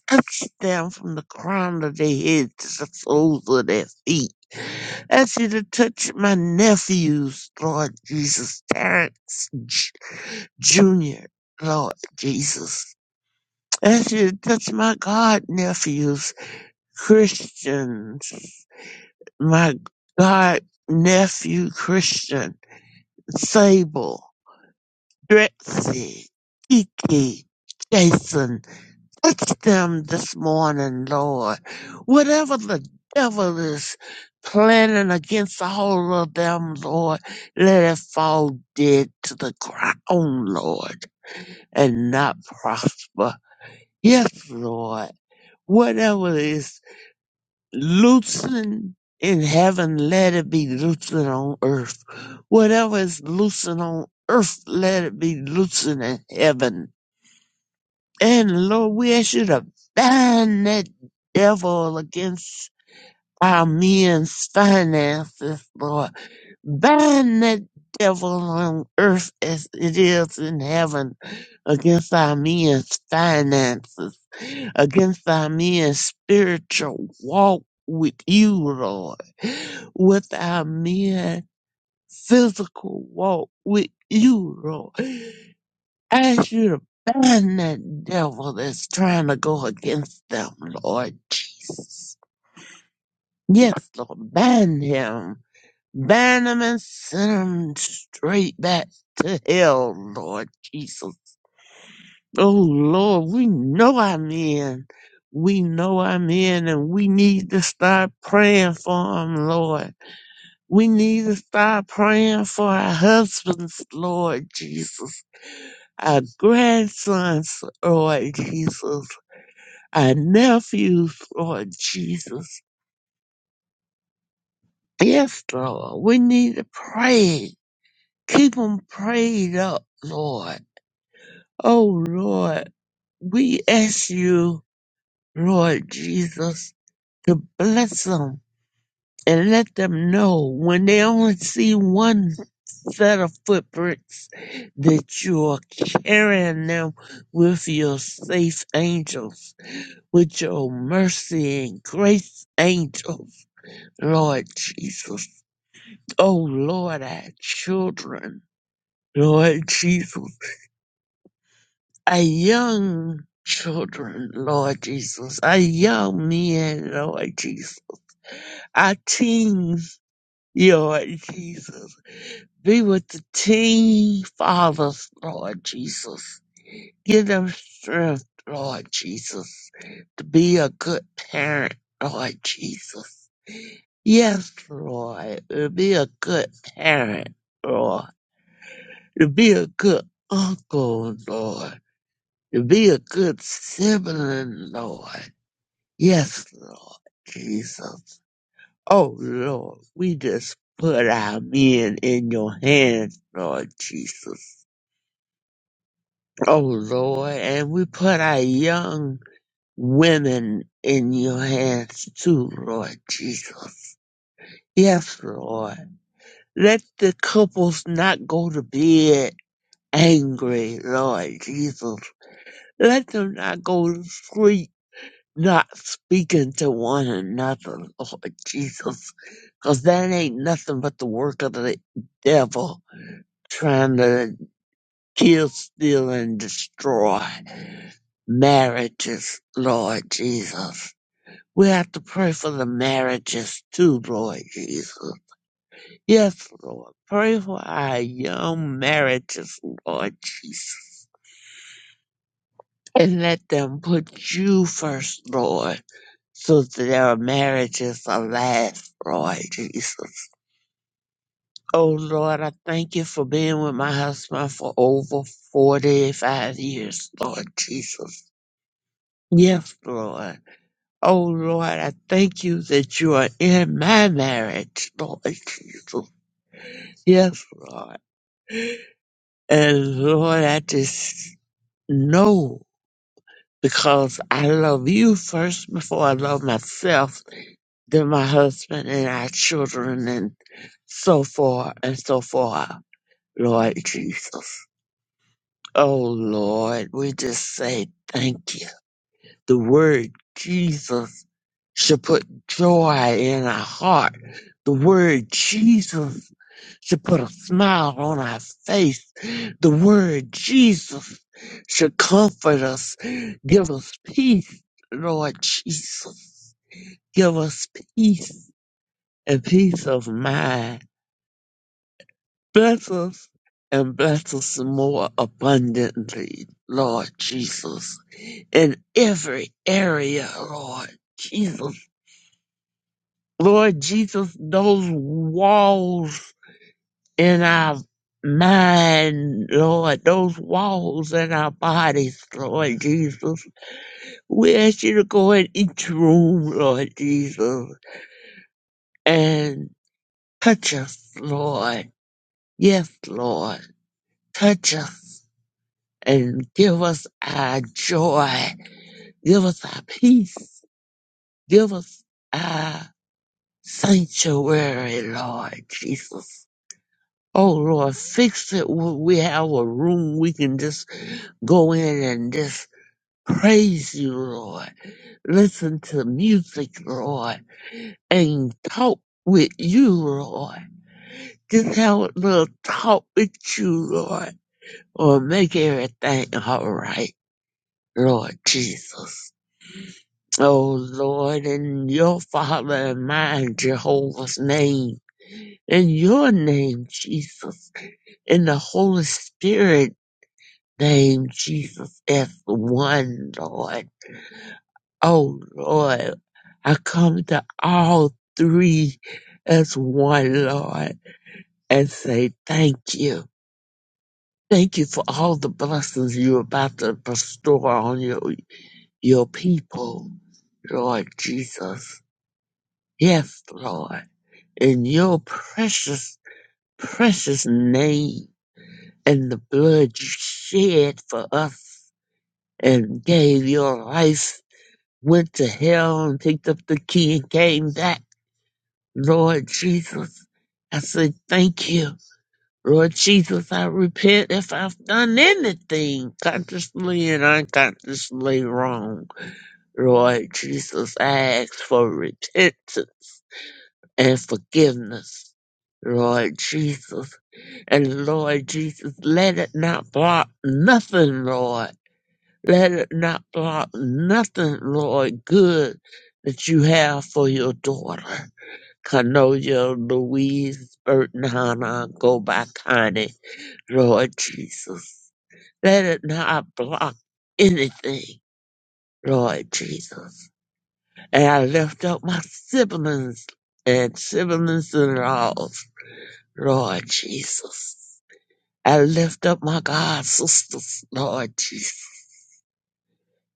Touch them from the crown of their head to the soles of their feet. Ask you to touch my nephews, Lord Jesus, Terrence J- Jr., Lord Jesus. Ask you to touch my God nephews, Christians. my god nephew Christian, Sable, Drexy, Kiki, Jason, touch them this morning, Lord. Whatever the devil is planning against all of them, Lord, let it fall dead to the ground, Lord, and not prosper. Yes, Lord. Whatever is. loosen in heaven, let it be loosened on earth. Whatever is loosened on earth, let it be loosened in heaven. And Lord, we ask you to bind that devil against our men's finances, Lord Bind that devil on earth as it is in heaven against our men's finances, against our men's spiritual walk with you, Lord, with our men's physical walk with you, Lord. Ask you to bind that devil that's trying to go against them, Lord Jesus. Yes, Lord, bind him Ban them and send them straight back to hell, Lord Jesus. Oh, Lord, we know our men. We know our men, and we need to start praying for them, Lord. We need to start praying for our husbands, Lord Jesus. Our grandsons, Lord Jesus. Our nephews, Lord Jesus. Yes, Lord, we need to pray. Keep them prayed up, Lord. Oh Lord, we ask you, Lord Jesus, to bless them and let them know when they only see one set of footprints that you are carrying them with your safe angels, with your mercy and grace angels, Lord Jesus. Oh Lord, our children, Lord Jesus. Our young children, Lord Jesus. Our young men, Lord Jesus. Our teens, Lord Jesus. Be with the teen fathers, Lord Jesus. Give them strength, Lord Jesus, to be a good parent, Lord Jesus. Yes, Lord, to be a good parent, Lord. To be a good uncle, Lord. To be a good sibling, Lord Yes, Lord Jesus. Oh, Lord, we just put our men in your hands, Lord Jesus. Oh, Lord, and we put our young women in your hands too, Lord Jesus. Yes, Lord. Let the couples not go to bed angry, Lord Jesus. Let them not go to sleep. not speaking to one another, Lord Jesus, because that ain't nothing but the work of the devil trying to kill, steal, and destroy marriages, Lord Jesus. We have to pray for the marriages too, Lord Jesus. Yes, Lord. Pray for our young marriages, Lord Jesus. And let them put you first, Lord so that our marriages are last, Lord Jesus. Oh Lord, I thank you for being with my husband for over 45 years, Lord Jesus. Yes, Lord. Oh Lord, I thank you that you are in my marriage, Lord Jesus. Yes, Lord. And Lord, I just know because I love you first before I love myself, then my husband and our children and. so far and so far, Lord Jesus. Oh Lord, we just say thank you. The word Jesus should put joy in our heart. The word Jesus should put a smile on our face. The word Jesus should comfort us, give us peace, Lord Jesus. Give us peace and peace of mind. Bless us and bless us more abundantly, Lord Jesus, in every area, Lord Jesus. Lord Jesus, those walls in our mind, Lord, those walls in our bodies, Lord Jesus. We ask you to go in each room, Lord Jesus, and touch us, Lord. Yes, Lord. Touch us and give us our joy, give us our peace, give us our sanctuary, Lord Jesus. Oh Lord, fix it. where We have a room we can just go in and just praise you, Lord. Listen to music, Lord, and talk with you, Lord. Just have a little talk with you, Lord, or make everything all right, Lord Jesus. O Lord, in your Father and mine, Jehovah's name, in your name, Jesus, in the Holy Spirit name, Jesus, as one, Lord. Oh Lord, I come to all three as one, Lord, and say thank you. Thank you for all the blessings you're about to bestow on your, your people, Lord Jesus. Yes, Lord. in your precious, precious name and the blood you shed for us and gave your life, went to hell and picked up the key and came back. Lord Jesus, I say thank you. Lord Jesus, I repent if I've done anything consciously and unconsciously wrong. Lord Jesus, I ask for repentance and forgiveness. Lord Jesus. And Lord Jesus, let it not block nothing, Lord. Let it not block nothing, Lord, good that you have for your daughter. Canoja Louise Burton Hannah, go by Connie, Lord Jesus. Let it not block anything, Lord Jesus. And I lift up my siblings and siblings in laws, Lord Jesus. I lift up my God, sisters, Lord Jesus.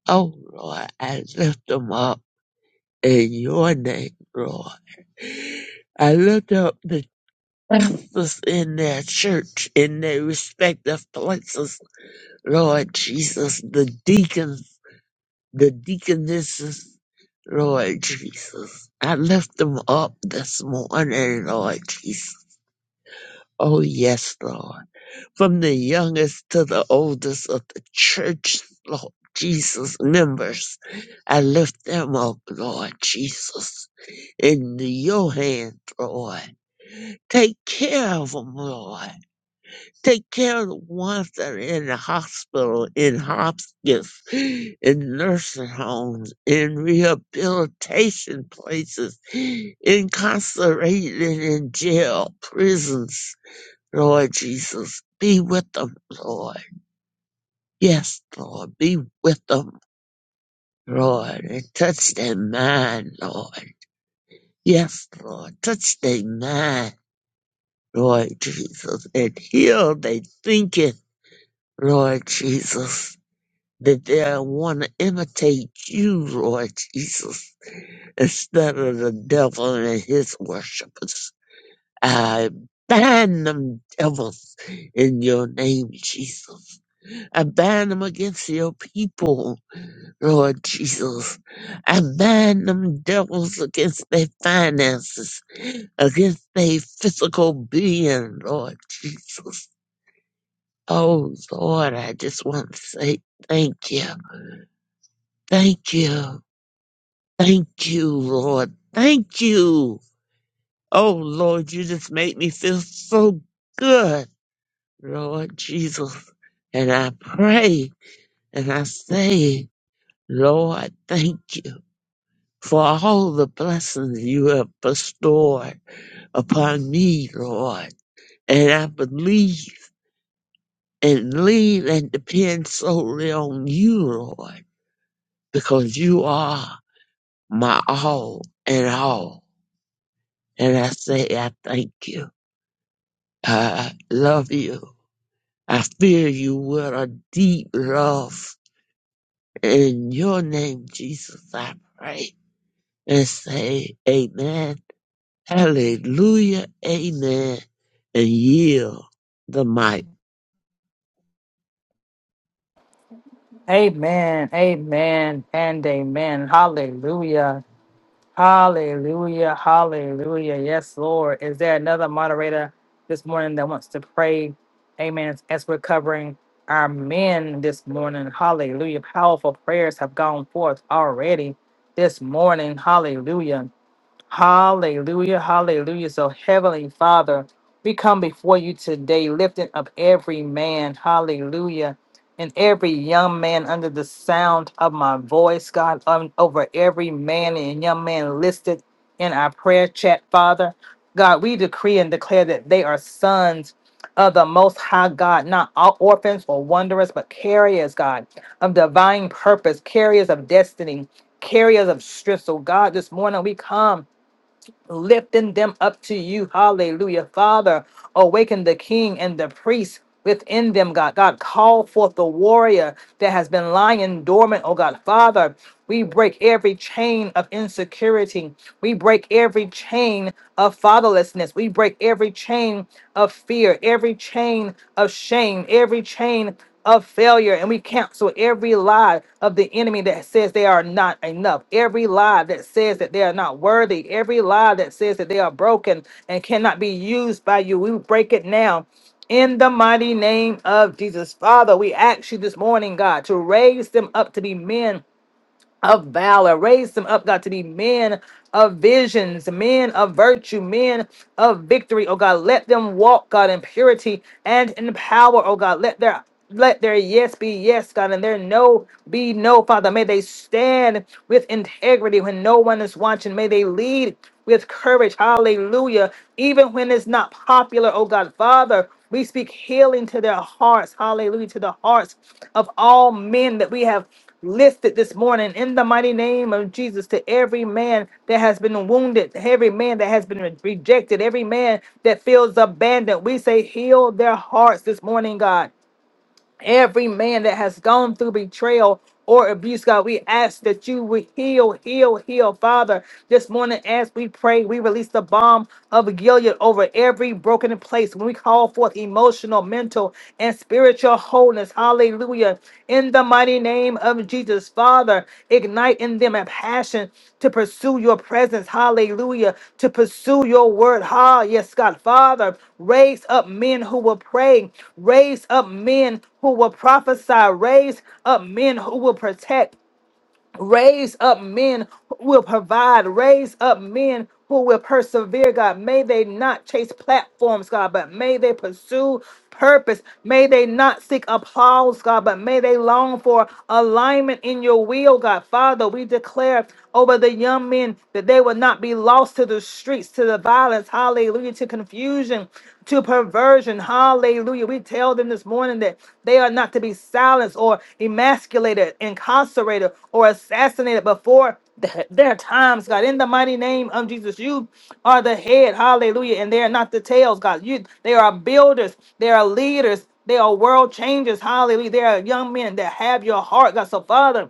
Oh, Lord, I lift them up in your name, Lord. I lift up the pastors in their church, in their respective places, Lord Jesus, the deacons, the deaconesses, Lord Jesus. I lift them up this morning, Lord Jesus. Oh, yes, Lord. from the youngest to the oldest of the church, Lord Jesus members. I lift them up, Lord Jesus, into your hand, Lord. Take care of them, Lord. Take care of the ones that are in the hospital, in hospice, in nursing homes, in rehabilitation places, incarcerated in jail, prisons. Lord Jesus, be with them, Lord Yes, Lord, be with them, Lord, and touch their mind, Lord. Yes, Lord, touch their mind, Lord Jesus, and heal their thinking, Lord Jesus, that they want to imitate you, Lord Jesus, instead of the devil and his worshippers. I bind them devils in your name, Jesus. I bind them against your people Lord Jesus. I bind them devils against their finances, against their physical being, Lord Jesus. Oh, Lord, I just want to say thank you. Thank you. Thank you, Lord. Thank you. Oh, Lord, you just make me feel so good, Lord Jesus. And I pray and I say, Lord, thank you. for all the blessings you have bestowed upon me, Lord. And I believe and lean and depend solely on you, Lord, because you are my all and all. And I say, I thank you. I love you. I fear you with a deep love. In your name, Jesus, I pray and say, Amen. Hallelujah. Amen. And yield the mic.
Amen. Amen. And amen. Hallelujah. Hallelujah. Hallelujah. Yes, Lord. Is there another moderator this morning that wants to pray? Amen. As we're covering our men this morning. Hallelujah. Powerful prayers have gone forth already this morning. Hallelujah. Hallelujah, hallelujah. So, Heavenly Father, we come before you today, lifting up every man, hallelujah, and every young man under the sound of my voice, God, um, over every man and young man listed in our prayer chat, Father. God, we decree and declare that they are sons of the Most High God, not all orphans or wanderers, but carriers, God, of divine purpose, carriers of destiny, carriers of strength. So, God, this morning we come lifting them up to you. Hallelujah. Father, awaken the king and the priest within them, God. God, call forth the warrior that has been lying dormant, oh God. Father, we break every chain of insecurity. We break every chain of fatherlessness. We break every chain of fear, every chain of shame, every chain of failure and we cancel every lie of the enemy that says they are not enough, every lie that says that they are not worthy, every lie that says that they are broken and cannot be used by you. We break it now. In the mighty name of Jesus, Father, we ask you this morning, God, to raise them up to be men of valor. Raise them up, God, to be men of visions, men of virtue, men of victory. Oh God, let them walk, God, in purity and in power. Oh God, let their let their yes be yes, God, and their no be no, Father. May they stand with integrity when no one is watching. May they lead with courage. Hallelujah. Even when it's not popular, oh God, Father, we speak healing to their hearts. Hallelujah. To the hearts of all men that we have listed this morning in the mighty name of Jesus to every man that has been wounded, every man that has been re- rejected, every man that feels abandoned. We say, heal their hearts this morning, God. Every man that has gone through betrayal or abuse, God, we ask that you would heal, heal, heal, Father. This morning, as we pray, we release the bomb of Gilead over every broken place. When we call forth emotional, mental, and spiritual wholeness, hallelujah. In the the mighty name of Jesus. Father, ignite in them a passion to pursue your presence. Hallelujah. To pursue your word. Ha, yes, God. Father, raise up men who will pray. Raise up men who will prophesy. Raise up men who will protect. Raise up men who will provide. Raise up men who will persevere, God. May they not chase platforms, God, but may they pursue purpose. May they not seek applause, God, but may they long for alignment in your will, God. Father, we declare over the young men that they will not be lost to the streets, to the violence, hallelujah, to confusion them to perversion. Hallelujah. We tell them this morning that they are not to be silenced or emasculated, incarcerated, or assassinated before th- their times, God. In the mighty name of Jesus, you are the head. Hallelujah. And they are not the tails, God. You they are builders, they are leaders, they are world changers. Hallelujah. They are young men that have your heart, God. So, Father.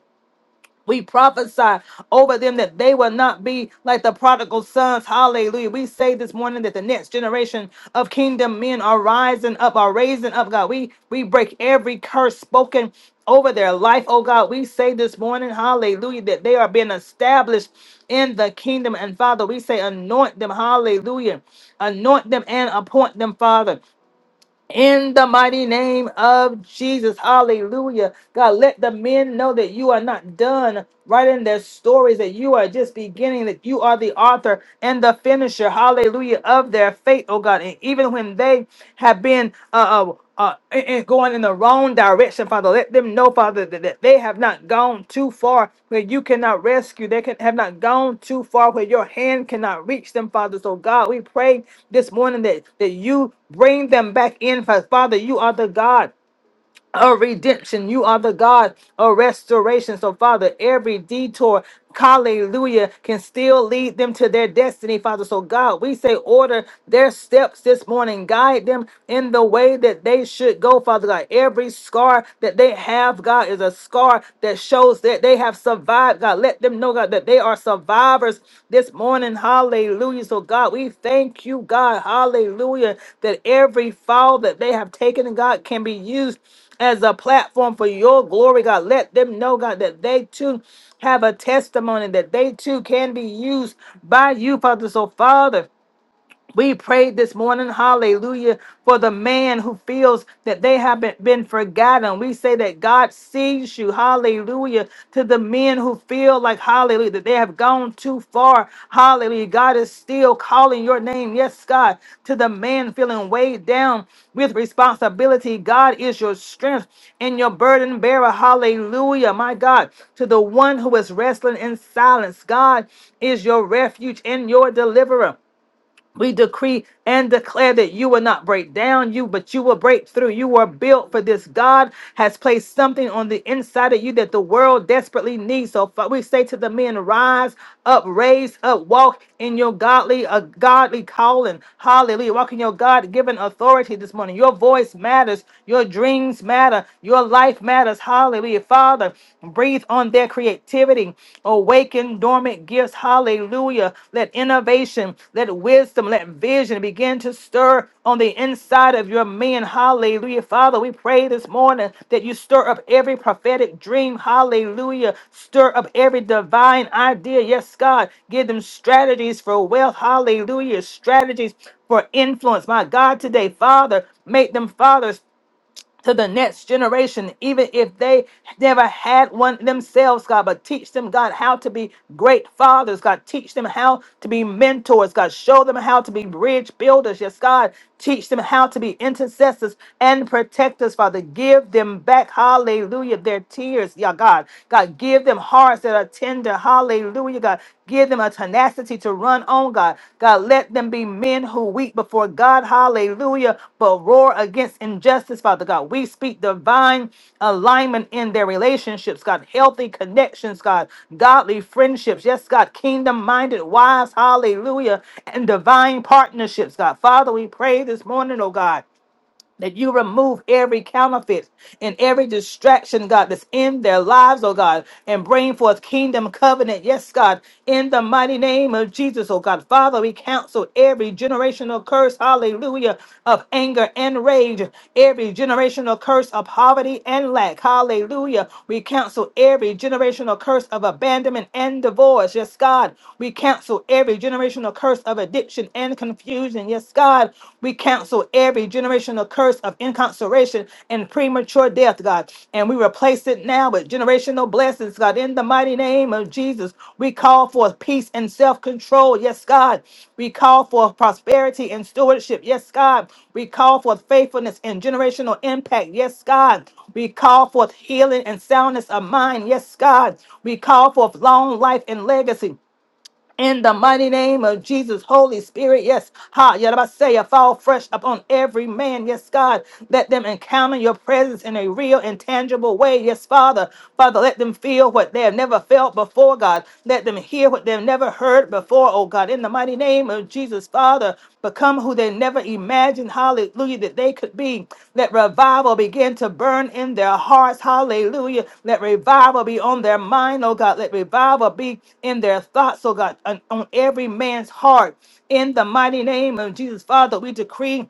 We prophesy over them that they will not be like the prodigal sons. Hallelujah. We say this morning that the next generation of kingdom men are rising up, are raising up, God. We we break every curse spoken over their life, oh God. We say this morning, hallelujah, that they are being established in the kingdom. And Father, we say, anoint them, hallelujah. Anoint them and appoint them, Father in the mighty name of Jesus. Hallelujah. God, let the men know that you are not done writing their stories, that you are just beginning, that you are the author and the finisher, hallelujah, of their faith, oh God. And even when they have been uh, uh, uh, and and going in the wrong direction, Father. Let them know, Father, that, that they have not gone too far where you cannot rescue. They can, have not gone too far where your hand cannot reach them, Father. So, God, we pray this morning that, that you bring them back in, Father. Father, you are the God of redemption. You are the God of restoration. So, Father, every detour, hallelujah, can still lead them to their destiny, Father. So, God, we say, order their steps this morning, guide them in the way that they should go, Father God. Every scar that they have, God, is a scar that shows that they have survived, God. God. Let them know, God, that they are survivors this morning. Hallelujah. So, God, we thank you, God. Hallelujah. That every fall that they have taken, God, can be used as a platform for your glory, God. Let them know, God, that they too have a testimony, that they too can be used by you, Father. So, Father, we prayed this morning, hallelujah, for the man who feels that they haven't been forgotten. We say that God sees you, hallelujah, to the men who feel like, hallelujah, that they have gone too far, hallelujah. God is still calling your name, yes, God, to the man feeling weighed down with responsibility. God is your strength and your burden bearer, hallelujah, my God, to the one who is wrestling in silence. God is your refuge and your deliverer. We decree and declare that you will not break down you, but you will break through. You are built for this. God has placed something on the inside of you that the world desperately needs. So fa- we say to the men, rise up, raise up, walk in your godly, a godly calling. Hallelujah. Walk in your God-given authority this morning. Your voice matters. Your dreams matter. Your life matters. Hallelujah. Father, breathe on their creativity creativity, awaken dormant gifts. Hallelujah. Let innovation, let wisdom, let vision begin to stir on the inside of your men. Hallelujah. Father, we pray this morning that you stir up every prophetic dream. Hallelujah. Stir up every divine idea. Yes, God. Give them strategies for wealth. Hallelujah. Strategies for influence. My God, today, Father, make them fathers to the next generation, even if they never had one themselves, God. But teach them, God, how to be great fathers, God. Teach them how to be mentors, God. Show them how to be bridge builders, yes, God. Teach them how to be intercessors and protectors, Father. Give them back, hallelujah, their tears, yeah, God. God, give them hearts that are tender, hallelujah, God. Give them a tenacity to run on, God. God, let them be men who weep before God, hallelujah, but roar against injustice, Father God. We speak divine alignment in their relationships, God. Healthy connections, God. Godly friendships, yes, God. Kingdom minded wives, hallelujah, and divine partnerships, God. Father, we pray this morning, oh God that you remove every counterfeit and every distraction, God, that's in their lives, oh God, and bring forth kingdom covenant. Yes, God, in the mighty name of Jesus, oh God. Father, we counsel every generational curse, hallelujah, of anger and rage, every generational curse of poverty and lack, hallelujah. We counsel every generational curse of abandonment and divorce. Yes, God, we counsel every generational curse of addiction and confusion. Yes, God, we cancel every generational curse of incarceration and premature death, God. And we replace it now with generational blessings, God. In the mighty name of Jesus, we call for peace and self control. Yes, God. We call for prosperity and stewardship. Yes, God. We call for faithfulness and generational impact. Yes, God. We call forth healing and soundness of mind. Yes, God. We call forth long life and legacy in the mighty name of Jesus. Holy Spirit, yes, ha, Yadabasaya, fall fresh upon every man, yes, God. Let them encounter your presence in a real and tangible way, yes, Father. Father, let them feel what they have never felt before, God. Let them hear what they've never heard before, oh God, in the mighty name of Jesus. Jesus, Father, become who they never imagined, hallelujah, that they could be. Let revival begin to burn in their hearts, hallelujah. Let revival be on their mind, oh God. Let revival be in their thoughts, oh God, on on every man's heart. In the mighty name of Jesus, Father, we decree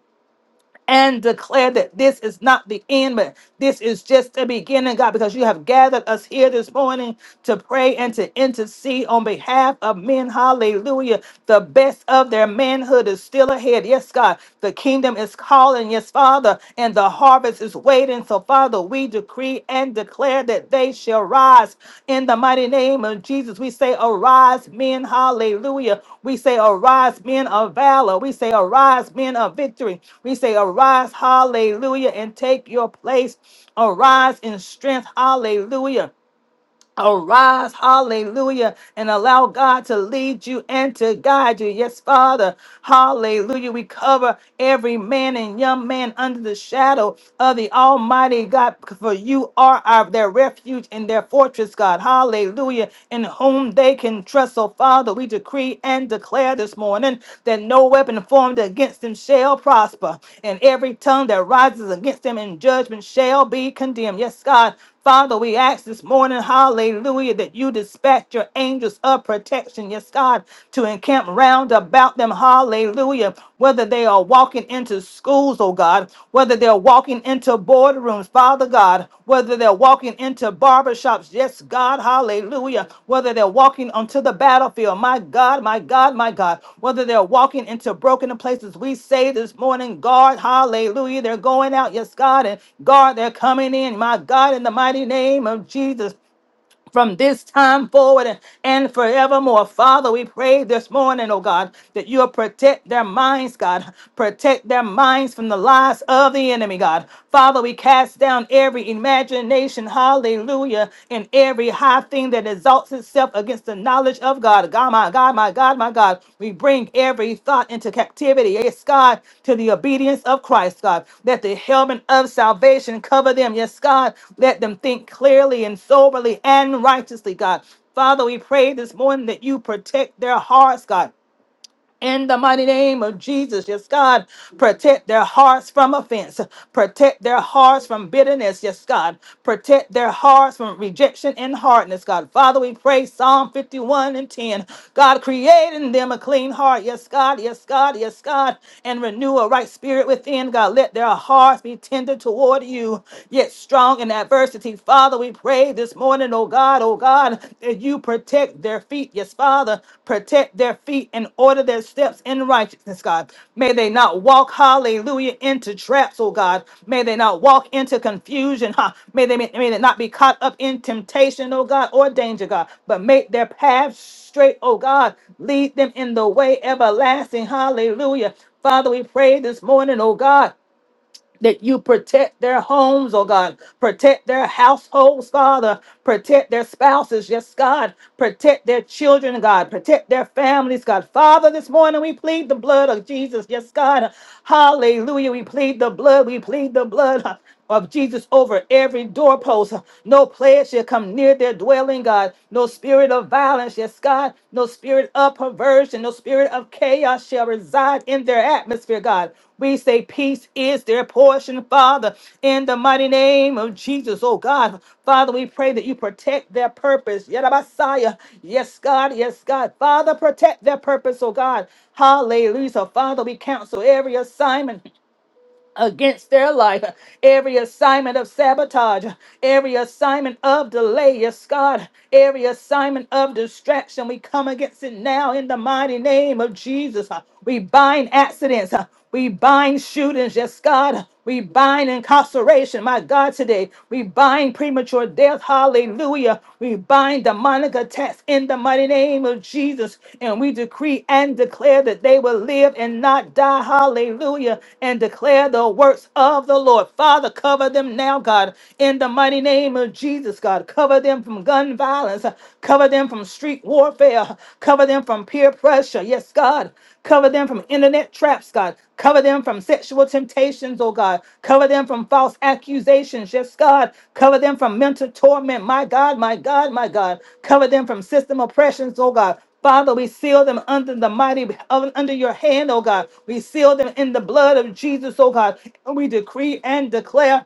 and declare that this is not the end, but this is just the beginning, God, because you have gathered us here this morning to pray and to intercede on behalf of men. Hallelujah. The best of their manhood is still ahead. Yes, God. The kingdom is calling. Yes, Father. And the harvest is waiting. So, Father, we decree and declare that they shall rise in the mighty name of Jesus. We say, Arise, men, hallelujah. We say, Arise, men of valor. We say, Arise, men of victory. We say, Arise, hallelujah, and take your place. Arise in strength, hallelujah. Arise, hallelujah, and allow God to lead you and to guide you. Yes, Father, hallelujah. We cover every man and young man under the shadow of the Almighty God, for you are our, their refuge and their fortress, God, hallelujah, in whom they can trust. So, Father, we decree and declare this morning that no weapon formed against them shall prosper, and every tongue that rises against them in judgment shall be condemned. Yes, God, Father, we ask this morning, hallelujah, that you dispatch your angels of protection, yes, God, to encamp round about them, hallelujah, whether they are walking into schools, oh God, whether they're walking into boardrooms, Father God, whether they're walking into barbershops. Yes, God, hallelujah. Whether they're walking onto the battlefield, my God, my God, my God. Whether they're walking into broken places, we say this morning, God, hallelujah. They're going out, yes, God, and God, they're coming in, my God, in the mighty name of Jesus from this time forward and forevermore. Father, we pray this morning, oh God, that you'll protect their minds, God. Protect their minds from the lies of the enemy, God. Father, we cast down every imagination, hallelujah, and every high thing that exalts itself against the knowledge knowledge of God. God, my God, my God, my God. We bring every thought into captivity, yes, God, to the obedience of Christ, God. Let the helmet of salvation cover them, yes, God. Let them think clearly and soberly and righteously, God. Father, we pray this morning that you protect their hearts, God in the mighty name of Jesus. Yes, God, protect their hearts from offense, protect their hearts from bitterness. Yes, God, protect their hearts from rejection and hardness. God, Father, we pray Psalm 51 and 10. God, create in them a clean heart. Yes, God, yes, God, yes, God, and renew a right spirit within. God, let their hearts be tender toward you, yet strong in adversity. Father, we pray this morning morning, oh God, oh God, that you protect their feet. Yes, Father, protect their feet and order their steps in righteousness, God. May they not walk, hallelujah, into traps, oh God. May they not walk into confusion, huh? May they, may they not be caught up in temptation, oh God, or danger, God, but make their paths straight, oh God. Lead them in the way everlasting, hallelujah. Father, we pray this morning, oh God that you protect their homes, oh God, protect their households, Father, protect their spouses, yes, God, protect their children, God, protect their families, God. Father, this morning we plead the blood of Jesus, yes, God. Hallelujah. We plead the blood, we plead the blood of Jesus over every doorpost. No plague shall come near their dwelling, God. No spirit of violence, yes, God. No spirit of perversion, no spirit of chaos shall reside in their atmosphere, God. We say peace is their portion, Father, in the mighty name of Jesus, oh God. Father, we pray that you protect their purpose. Yadabasaya. Yes, God, yes, God. Father, protect their purpose, oh God. Hallelujah. So, Father, we counsel every assignment against their life. Every assignment of sabotage, every assignment of delay, yes, God, every assignment of distraction, we come against it now in the mighty name of Jesus. We bind accidents, we bind shootings, yes, God. We bind incarceration, my God, today. We bind premature death, hallelujah. We bind demonic attacks in the mighty name of Jesus. And we decree and declare that they will live and not die, hallelujah. And declare the works of the Lord. Father, cover them now, God, in the mighty name of Jesus, God. Cover them from gun violence, cover them from street warfare, [LAUGHS] God. Cover them from peer pressure. Yes, God. Cover them from internet traps, God. Cover them from sexual temptations, oh God. Cover them from false accusations. Yes, God. Cover them from mental torment. My God, my God, my God. Cover them from system oppressions, oh God. Father, we seal them under the mighty, under your hand, oh God. We seal them in the blood of Jesus, oh God. And we decree and declare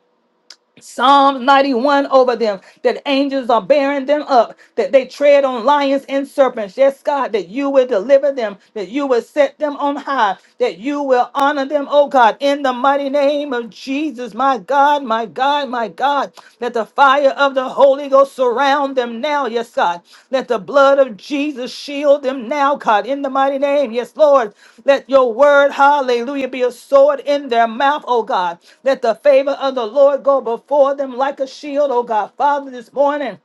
Psalm 91 over them, that angels are bearing them up, that they tread on lions and serpents. Yes, God, that you will deliver them, that you will set them on high, that you will honor them, oh God, in the mighty name of Jesus, my God, my God, my God, that the fire fire of the Holy Ghost surround them now, yes, God. Let the blood of Jesus shield them now, God, in the mighty name, yes, Lord. Let your word, hallelujah, be a sword in their mouth, oh God. Let the favor of the Lord go before them like a shield, oh God. Father, this morning.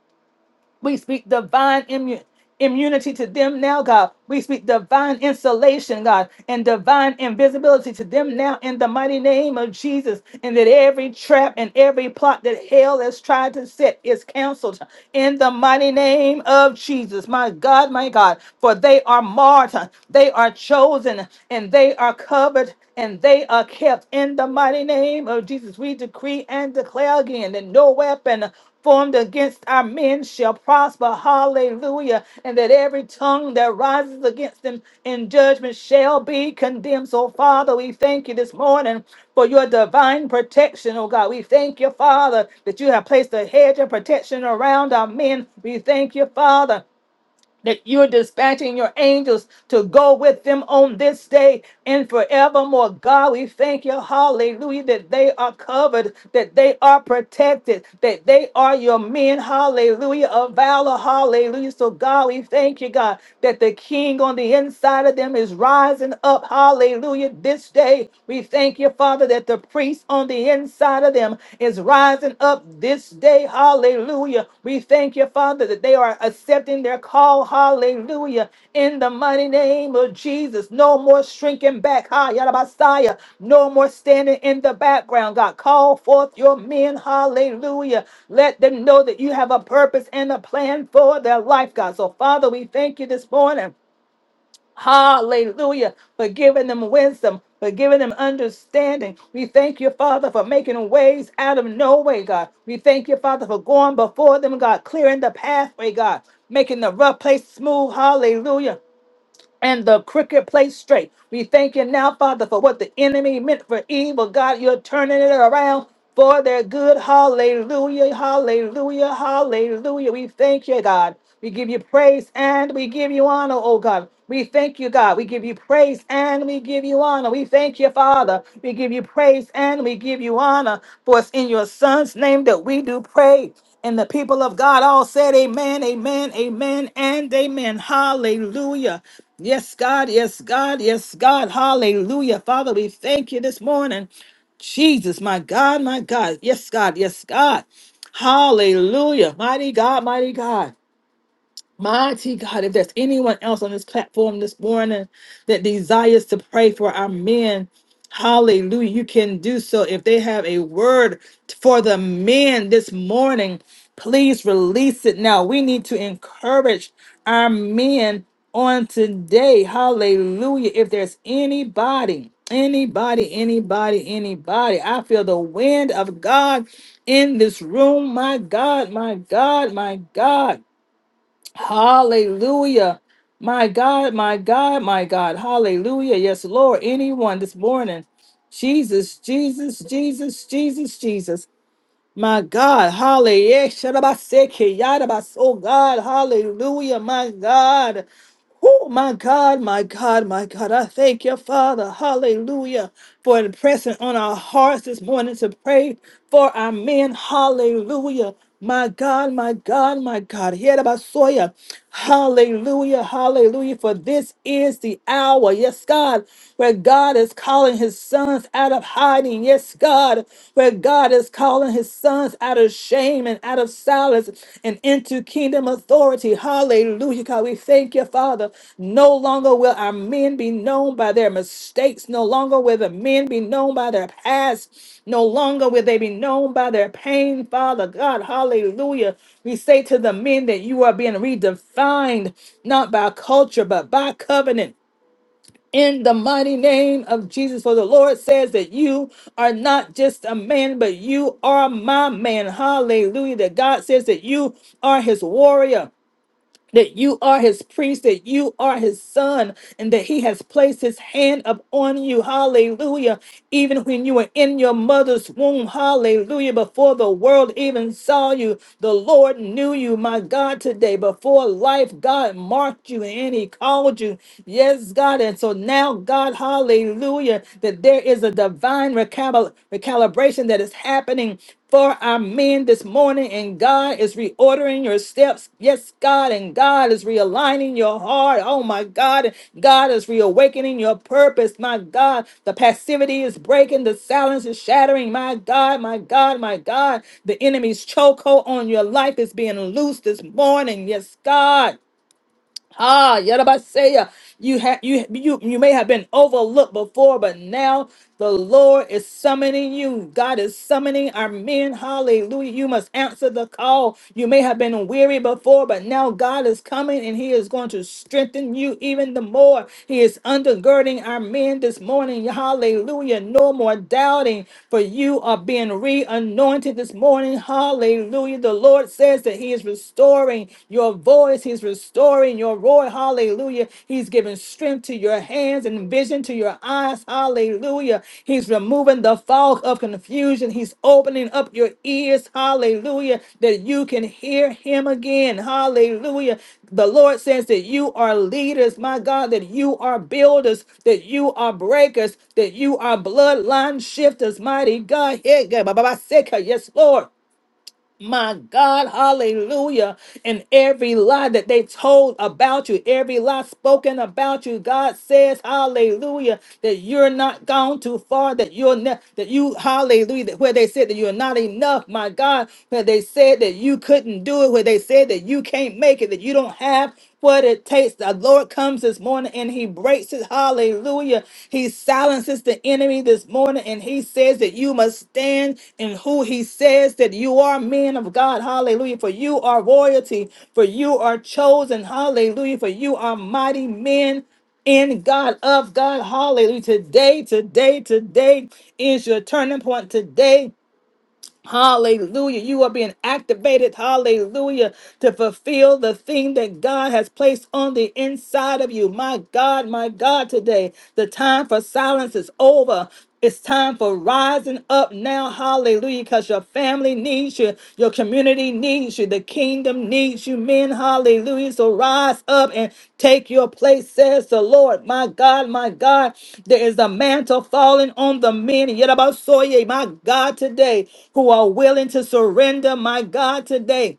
We speak divine immu- immunity to them now, God. We speak divine insulation, God, and divine invisibility to them now in the mighty name of Jesus. And that every trap and every plot that hell has tried to set is canceled in the mighty name of Jesus. My God, my God, for they are marked, they are chosen, and they are covered and they are kept in the mighty name of Jesus. We decree and declare again that no weapon formed against our men shall prosper. Hallelujah. And that every tongue that rises against them in judgment shall be condemned. So, Father, we thank you this morning for your divine protection, oh God. We thank you, Father, that you have placed a hedge of protection around our men. We thank you, Father that you're dispatching your angels to go with them on this day and forevermore. God, we thank you, hallelujah, that they are covered, that they are protected, that they are your men, hallelujah, of valor, hallelujah. So, God, we thank you, God, that the king on the inside of them is rising up, hallelujah, this day. We thank you, Father, that the priests on the inside inside of them is rising up this day. Hallelujah. We thank you, Father, that they are accepting their call. Hallelujah. In the mighty name of Jesus. No more shrinking back. Ha, Yadabasaya. No more standing in the background. God, call forth your men. Hallelujah. Let them know that you have a purpose and a plan for their life, God. So, Father, we thank you this morning. Hallelujah. For giving them wisdom, for giving them understanding. We thank you, Father, for making ways out of no way, God. We thank you, Father, for going before them, God, clearing the pathway, God, making the rough place smooth. Hallelujah and the crooked place straight. We thank you now, Father, for what the enemy meant for evil. God, you're turning it around for their good. Hallelujah, hallelujah, hallelujah. We thank you, God. We give you praise and we give you honor, oh God. We thank you, God. We give you praise and we give you honor. We thank you, Father. We give you praise and we give you honor. For it's in your Son's name that we do pray. And the people of God all said, Amen, amen, amen, and amen. Hallelujah. Yes, God. Yes, God. Yes, God. Hallelujah. Father, we thank you this morning. Jesus, my God, my God. Yes, God. Yes, God. Hallelujah. Mighty God, mighty God. Mighty God, if there's anyone else on this platform this morning that desires to pray for our men, hallelujah, you can do so. If they have a word for the men this morning, please release it now. We need to encourage our men on today. Hallelujah. If there's anybody, anybody, anybody, anybody, I feel the wind of God in this room. My God, my God, my God. Hallelujah. My God, my God, my God. Hallelujah. Yes, Lord. Anyone this morning. Jesus, Jesus, Jesus, Jesus, Jesus. My God, hallelujah. Shadabaseke, yadabas- Oh God, hallelujah, my God. Oh my God, my God, my God. I thank you, Father, hallelujah, for impressing on our hearts this morning to pray for our men. Hallelujah. My God, my God, my God. Yadabasoya. Hallelujah, hallelujah. For this is the hour, yes, God, where God is calling his sons out of hiding. Yes, God, where God is calling calling his sons out of shame and out of silence and into kingdom authority. Hallelujah. God, we thank you, Father. No longer will our men be known by their mistakes. No longer will the men be known by their past. No longer will they be known by their pain, Father God. Hallelujah. We say to the men that you are being redefined, not by culture, but by covenant in the mighty name of Jesus. For the Lord says that you are not just a man, but you are my man. Hallelujah. That God says that you are his warrior that you are his priest, that you are his son, and that he has placed his hand upon you. Hallelujah. Even when you were in your mother's womb, hallelujah. Before the world even saw you, the Lord knew you, my God, today. Before life, God marked you and he called you. Yes, God. And so now, God, hallelujah, that there is a divine recal- recalibration that is happening for our men this morning, and God is reordering your steps. Yes, God, and God is realigning your heart. Oh my God, and God is reawakening your purpose. My God, the passivity is breaking, the silence is shattering. My God, my God, my God, the enemy's chokehold on your life is being loosed this morning. Yes, God. Ah, Yadabaseya, you have you you you may have been overlooked before, but now the Lord is summoning you. God is summoning our men. Hallelujah. You must answer the call. You may have been weary before, but now God is coming and He is going to strengthen you even the more. He is undergirding our men this morning. Hallelujah. No more doubting, for you are being re-anointed this morning. Hallelujah. The Lord says that He is restoring restoring your voice. He's restoring your roar. Hallelujah. He's giving strength to your hands and vision to your eyes. Hallelujah. He's removing the fog of confusion. He's opening up your ears. Hallelujah. That you can hear him again. Hallelujah. The Lord says that you are leaders, my God, that you are builders, that you are breakers, that you are bloodline shifters, mighty God. Yeah, yeah, Ba Ba Ba Seka. Yes, Lord. My God, hallelujah. And every lie that they told about you, every lie spoken about you, God says, hallelujah, that you're not gone too far, that you're not, that you, hallelujah, that where they said that you're not enough, my God, where they said that you couldn't do it, where they said that you can't make it, that you don't have what it takes. The Lord comes this morning morning and he breaks it. Hallelujah. He silences the enemy this morning and he says that you must stand in who he says that you are, men of God. Hallelujah. For you are royalty, for you are chosen. Hallelujah. For you are mighty men in God, of God. Hallelujah. Today, today, today is your turning point. Today Hallelujah. You are being activated, hallelujah, to fulfill the thing that God has placed on the inside of you. My God, my God, today, the time for silence is over. It's time for rising up now, hallelujah, because your family needs you. Your community needs you. The kingdom needs you, men. Hallelujah. So rise up and take your place, says the Lord. My God, my God, there is a mantle falling on the men. Yet about Soye, my God, today, who are willing to surrender, my God, today.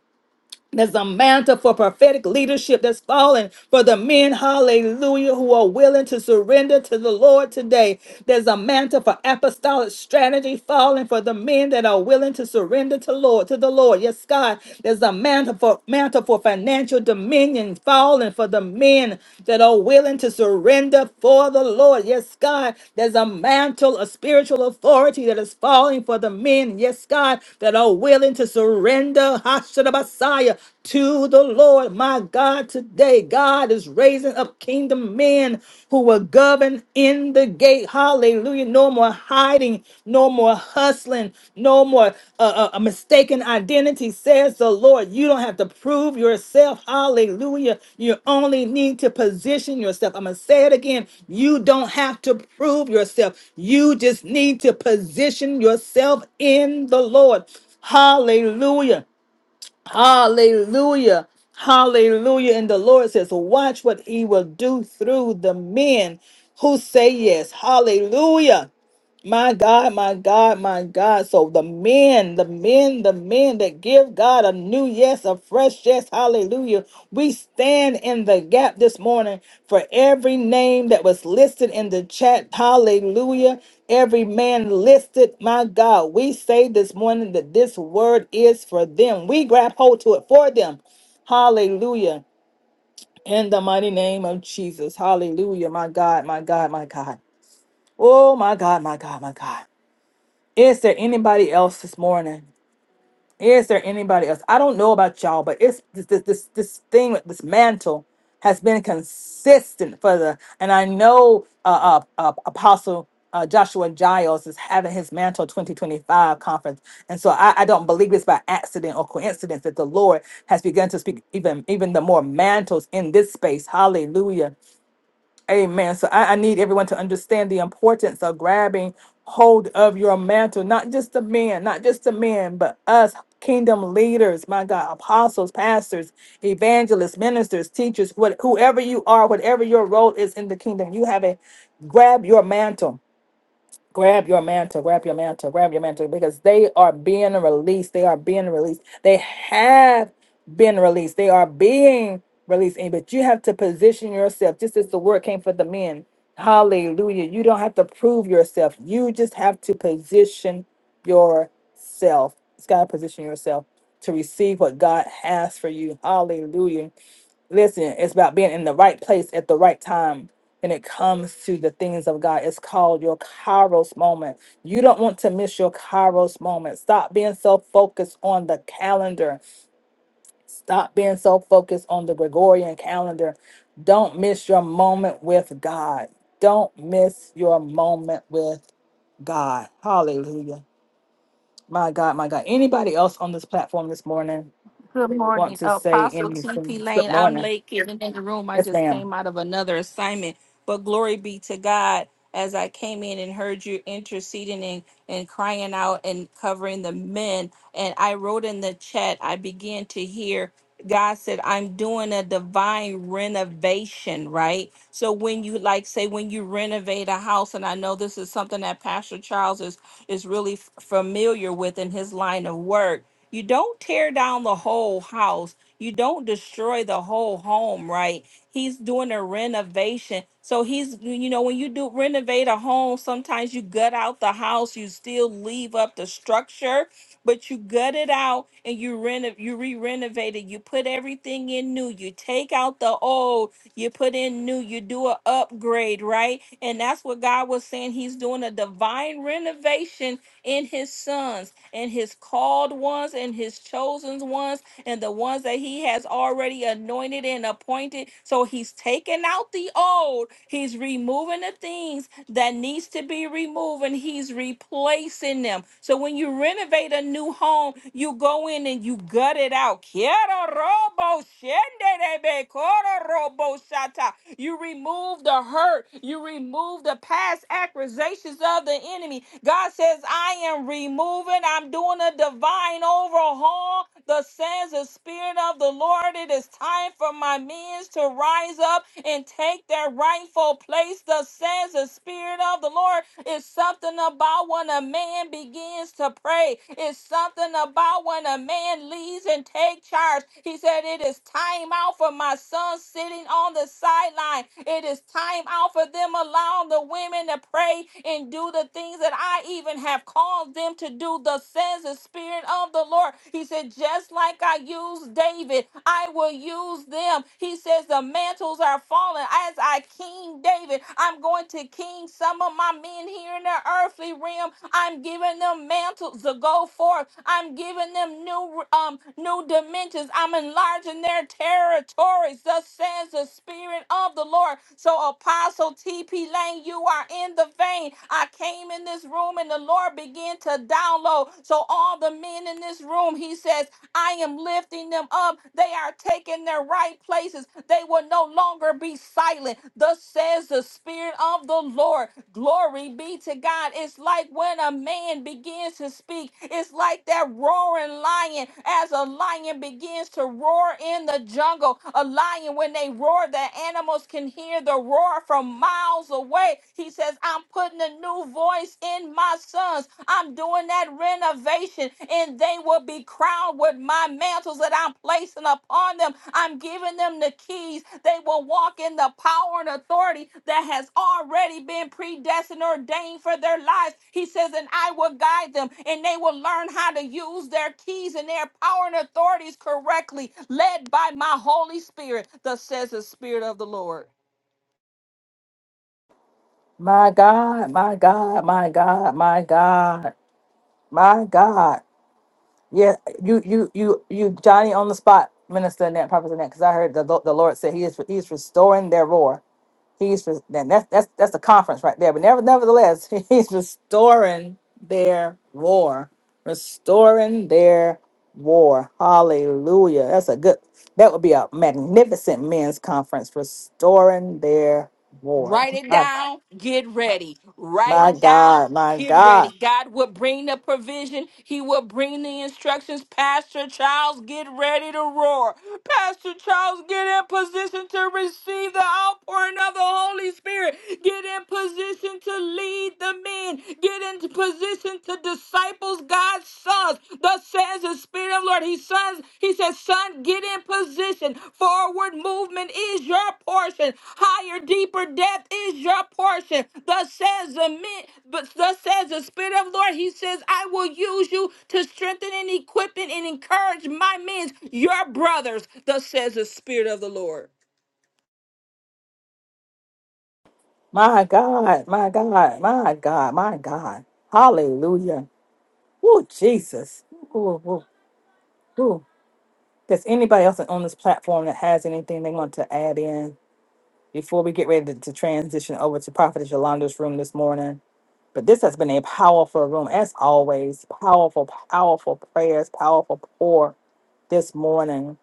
There's a mantle for prophetic leadership that's fallen for the men, hallelujah, who are willing to surrender to the Lord today. There's a mantle for apostolic strategy falling for the men that are willing to surrender to Lord to the Lord. Yes, God. There's a mantle for mantle for financial dominion falling for the men that are willing to surrender for the Lord. Yes, God. There's a mantle of spiritual authority that is falling for the men. Yes, God, that are willing to surrender. Messiah to the Lord. My God, today God is raising up kingdom men who will govern in the gate. Hallelujah. No more hiding, no more hustling, no more uh, uh, mistaken identity, says the Lord. You don't have to prove yourself. Hallelujah. You only need to position yourself. I'm going to say it again. You don't have to prove yourself. You just need to position yourself in the Lord. Hallelujah. Hallelujah. Hallelujah. And the Lord says, Watch what he will do through the men who say yes. Hallelujah. My God, my God, my God. So the men, the men, the men that give God a new yes, a fresh yes, hallelujah. We stand in the gap this morning for every name that was listed in the chat, hallelujah. Every man listed, my God. We say this morning that this word is for them. We grab hold to it for them, hallelujah. In the mighty name of Jesus, hallelujah, my God, my God, my God. Oh, my God, my God, my God. Is there anybody else this morning? Is there anybody else? I don't know about y'all, but it's this this this, this thing with this mantle has been consistent for the and I know uh, uh, uh apostle uh, Joshua Giles is having his mantle 2025 conference. And so I, I don't believe it's by accident or coincidence that the Lord has begun to speak even even the more mantles in this space. Hallelujah. Amen. So I, I need everyone to understand the importance of grabbing hold of your mantle, not just the men, not just the men, but us kingdom leaders, my God, apostles, pastors, evangelists, ministers, teachers, what, whoever you are, whatever your role is in the kingdom, you have a grab your mantle grab your mantle, grab your mantle, grab your mantle, because they are being released. They are being released. They have been released. They are being released. And but you have to position yourself, just as the word came for the men. Hallelujah. You don't have to prove yourself. You just have to position yourself. It's got to position yourself to receive what God has for you. Hallelujah. Listen, it's about being in the right place at the right time when it comes to the things of God. It's called your Kairos moment. You don't want to miss your Kairos moment. Stop being so focused on the calendar. Stop being so focused on the Gregorian calendar. Don't miss your moment with God. Don't miss your moment with God. Hallelujah. My God, my God. Anybody else on this platform this morning
Good
want
morning,
to say
Apostle TP
anything? Good
Lane. I'm
morning.
late getting in the room. I
Yes,
just
ma'am.
came out of another assignment, but glory be to God. As I came in and heard you interceding and, and crying out and covering the men, and I wrote in the chat, I began to hear God said, I'm doing a divine renovation, right? So when you like say when you renovate a house, and I know this is something that Pastor Charles is is really f- familiar with in his line of work you don't tear down the whole house. You don't destroy the whole home, right? He's doing a renovation. So he's, you know, when you do renovate a home, sometimes you gut out the house, you still leave up the structure, but you gut it out and you reno, you re-renovate it. You put everything in new. You take out the old, you put in new, you do a upgrade, right? And that's what God was saying. He's doing a divine renovation in his sons and his called ones and his chosen ones and the ones that he has already anointed and appointed. So he's taking out the old, he's removing the things that needs to be removed and he's replacing them. So when you renovate a new home, you go in and you gut it out. Quiero robo, shende de be, coro robo shata. You remove the hurt. You remove the past accusations of the enemy. God says, I am removing, I'm doing a divine overhaul. The says the Spirit of the Lord, it is time for my men to rise up and take their rightful place. The says the Spirit of the Lord is something about when a man begins to pray. It's something about when when a man leads and take charge. He said, It is time out for my son sitting on the sideline. It is time out for them allowing the women to pray and do the things that I even have called them to do. The says the Spirit of the Lord. He said, Just like I used David, I will use them. He says, The mantles are falling. As I King David, I'm going to King Solomon some of my men here in the earthly realm. I'm giving them mantles to go forth. I'm giving them new um new dimensions. I'm enlarging their territories. Thus says the Spirit of the Lord. So Apostle T.P. Lane, you are in the vein. I came in this room and the Lord began to download. So all the men in this room, he says, I am lifting them up. They are taking in their right places. They will no longer be silent. Thus says the Spirit of the Lord. Glory be to God. It's like when a man begins to speak, it's like that roaring lion as a lion begins to roar in the jungle. A lion, when they roar, the animals can hear the roar from miles away. He says, I'm putting a new voice in my sons. I'm doing that renovation, and they will be crowned with my mantles that I'm placing upon them. I'm giving them the keys. They will walk in the power and authority that has already been predestined, ordained for their lives. He says, and I will guide them, and they will learn how to use their keys and their power and authorities correctly, led by my Holy Spirit, thus says the Spirit of the Lord.
My God, my God, my God, my God, my God. Yeah, you, you, you, you, Johnny on the spot, minister in that, prophet in that, because I heard the, Lo- the Lord say He is He's restoring their roar. He's re- then that's that's that's a conference right there. But never, nevertheless, [LAUGHS] He's restoring their roar, restoring their roar. Hallelujah. That's a good. That would be a magnificent men's conference, restoring their roar.
Write it
My,
down, get ready. Write
my
it down,
God, my
get
God.
ready. God will bring the provision, He will bring the instructions. Pastor Charles, get ready to roar. Pastor Charles, get in position to receive the outpouring of the Holy Spirit. Get in position to lead the men. Get in position to disciples God's sons. Thus says the Spirit. Spirit of the Lord. He sons, he says, son, get in position. Forward movement is your portion. Higher, deeper depth is your portion. Thus says the men, but thus says the Spirit of the Lord. He says, I will use you to strengthen and equip and encourage my men, your brothers. Thus says the Spirit of the Lord.
My God, my God, my God, my God. Hallelujah. Oh, Jesus. Ooh, ooh, ooh. Does anybody else on this platform that has anything they want to add in before we get ready to, to transition over to Prophet Yolanda's room this morning? But this has been a powerful room, as always. Powerful, powerful prayers, powerful pour this morning.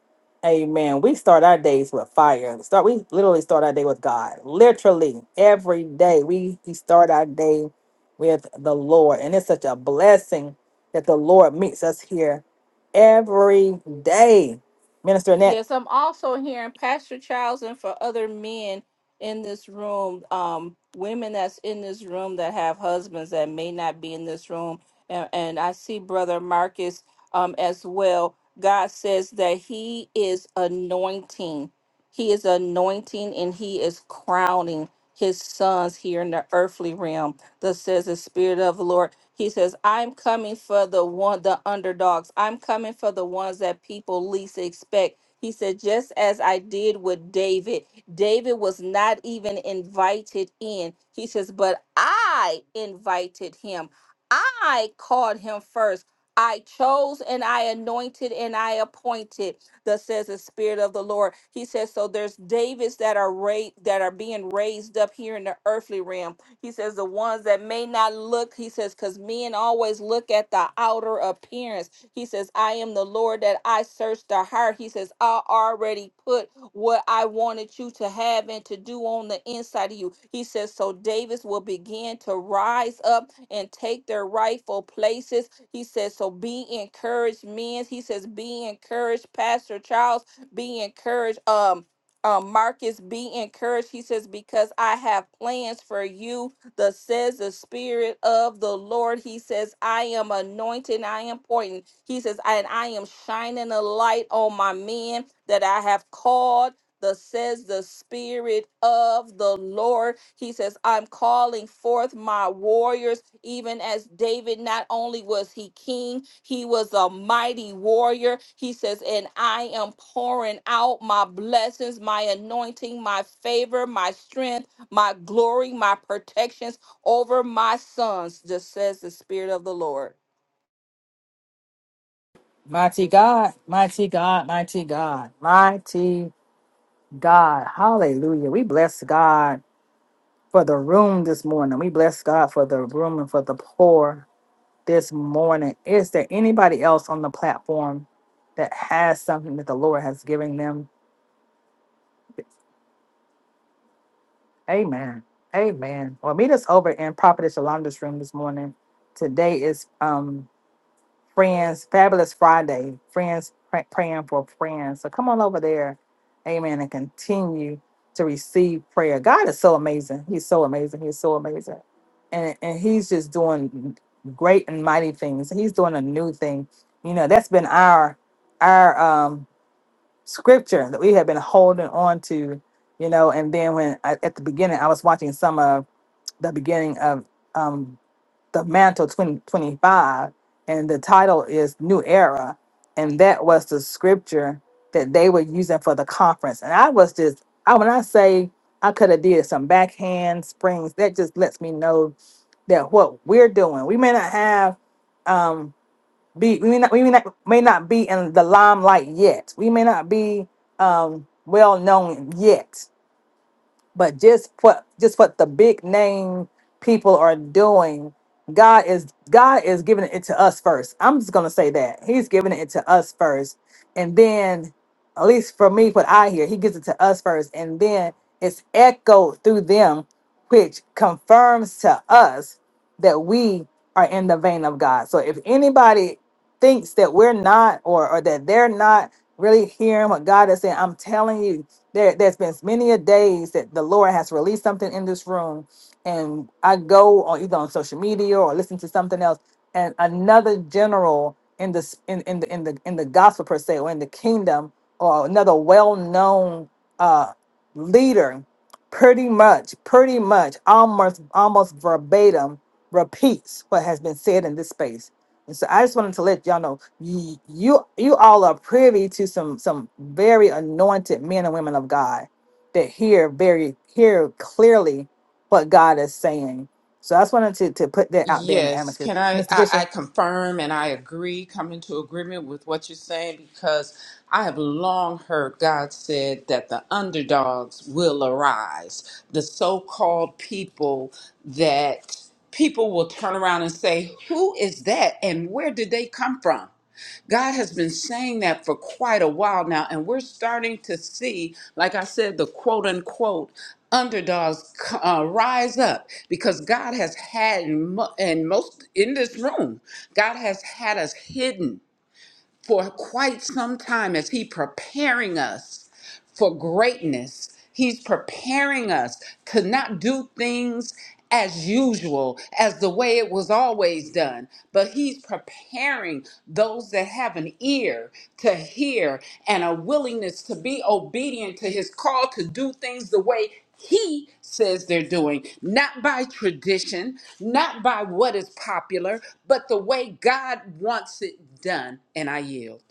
Amen. We start our days with fire. Start we literally start our day with God. Literally every day we, we start our day with the Lord. And it's such a blessing that the Lord meets us here every day. Minister Annette,
Yes, I'm also hearing Pastor Childs and for other men in this room, um, women that's in this room that have husbands that may not be in this room. And, and I see Brother Marcus um, as well. God says that he is anointing. He is anointing and he is crowning his sons here in the earthly realm. Thus says the Spirit of the Lord. He says, I'm coming for the one the underdogs. I'm coming for the ones that people least expect he said, just as I did with David. David was not even invited in. He says, but I invited him. I called him first. I chose and I anointed and I appointed, thus says the Spirit of the Lord. He says, so there's Davids that are ra- that are being raised up here in the earthly realm he says, the ones that may not look, he says, because men always look at the outer appearance. He says, I am the Lord that I search the heart. He says, I already put what I wanted you to have and to do on the inside of you. He says, so Davis will begin to rise up and take their rightful places. He says, so be encouraged, men. He says, be encouraged, Pastor Charles. Be encouraged, um, um, Marcus, be encouraged. He says, Because I have plans for you, the says the Spirit of the Lord. He says, I am anointed, I am important. He says, And I am shining a light on my men that I have called. Thus says the Spirit of the Lord. He says, I'm calling forth my warriors, even as David, not only was he king, he was a mighty warrior. He says, and I am pouring out my blessings, my anointing, my favor, my strength, my glory, my protections over my sons, just says the Spirit of the Lord.
mighty God, mighty God, mighty God, mighty God. Hallelujah. We bless God for the room this morning. We bless God for the room and for the poor. this morning. Is there anybody else on the platform that has something that the Lord has given them? Amen. Amen. Well, meet us over in Prophetess Yolanda's room this morning. Today is um Friends, Fabulous Friday, friends pray- praying for friends. So come on over there, amen, and continue to receive prayer. God is so amazing. He's so amazing. He's so amazing. And, and he's just doing great and mighty things. He's doing a new thing. You know, that's been our our um scripture that we have been holding on to, you know, and then when I, at the beginning I was watching some of the beginning of um, the mantle 2025 and the title is new era and that was the scripture that they were using for the conference and i was just i when i say i could have did some backhand springs that just lets me know that what we're doing we may not have um be we may not, we may not, may not be in the limelight yet we may not be um well known yet but just what just what the big name people are doing god is god is giving it to us first i'm just gonna say that he's giving it to us first and then at least for me what i hear he gives it to us first and then it's echoed through them which confirms to us that we are in the vein of god so if anybody thinks that we're not or, or that they're not really hearing what god is saying i'm telling you there, there's been many a days that the Lord has released something in this room, and I go on either on social media or listen to something else, and another general in the s- in, in the in the in the gospel per se or in the kingdom or another well-known uh, leader, pretty much, pretty much, almost almost verbatim repeats what has been said in this space and so I just wanted to let y'all know you, you you all are privy to some some very anointed men and women of God that hear very hear clearly what God is saying. So I just wanted to, to put that out there in the
Yes,
atmosphere.
can I,
Mr.
I? I
Fisher.
confirm and I agree, come into agreement with what you're saying because I have long heard God said that the underdogs will arise, the so called people that people will turn around and say, Who is that and where did they come from? God has been saying that for quite a while now, and we're starting to see, like I said, the quote unquote underdogs uh, rise up because God has had, in mo- and most in this room, God has had us hidden for quite some time as He preparing us for greatness. He's preparing us to not do things as usual, as the way it was always done, but He's preparing those that have an ear to hear and a willingness to be obedient to His call to do things the way He says they're doing, not by tradition, not by what is popular, but the way God wants it done. And I yield.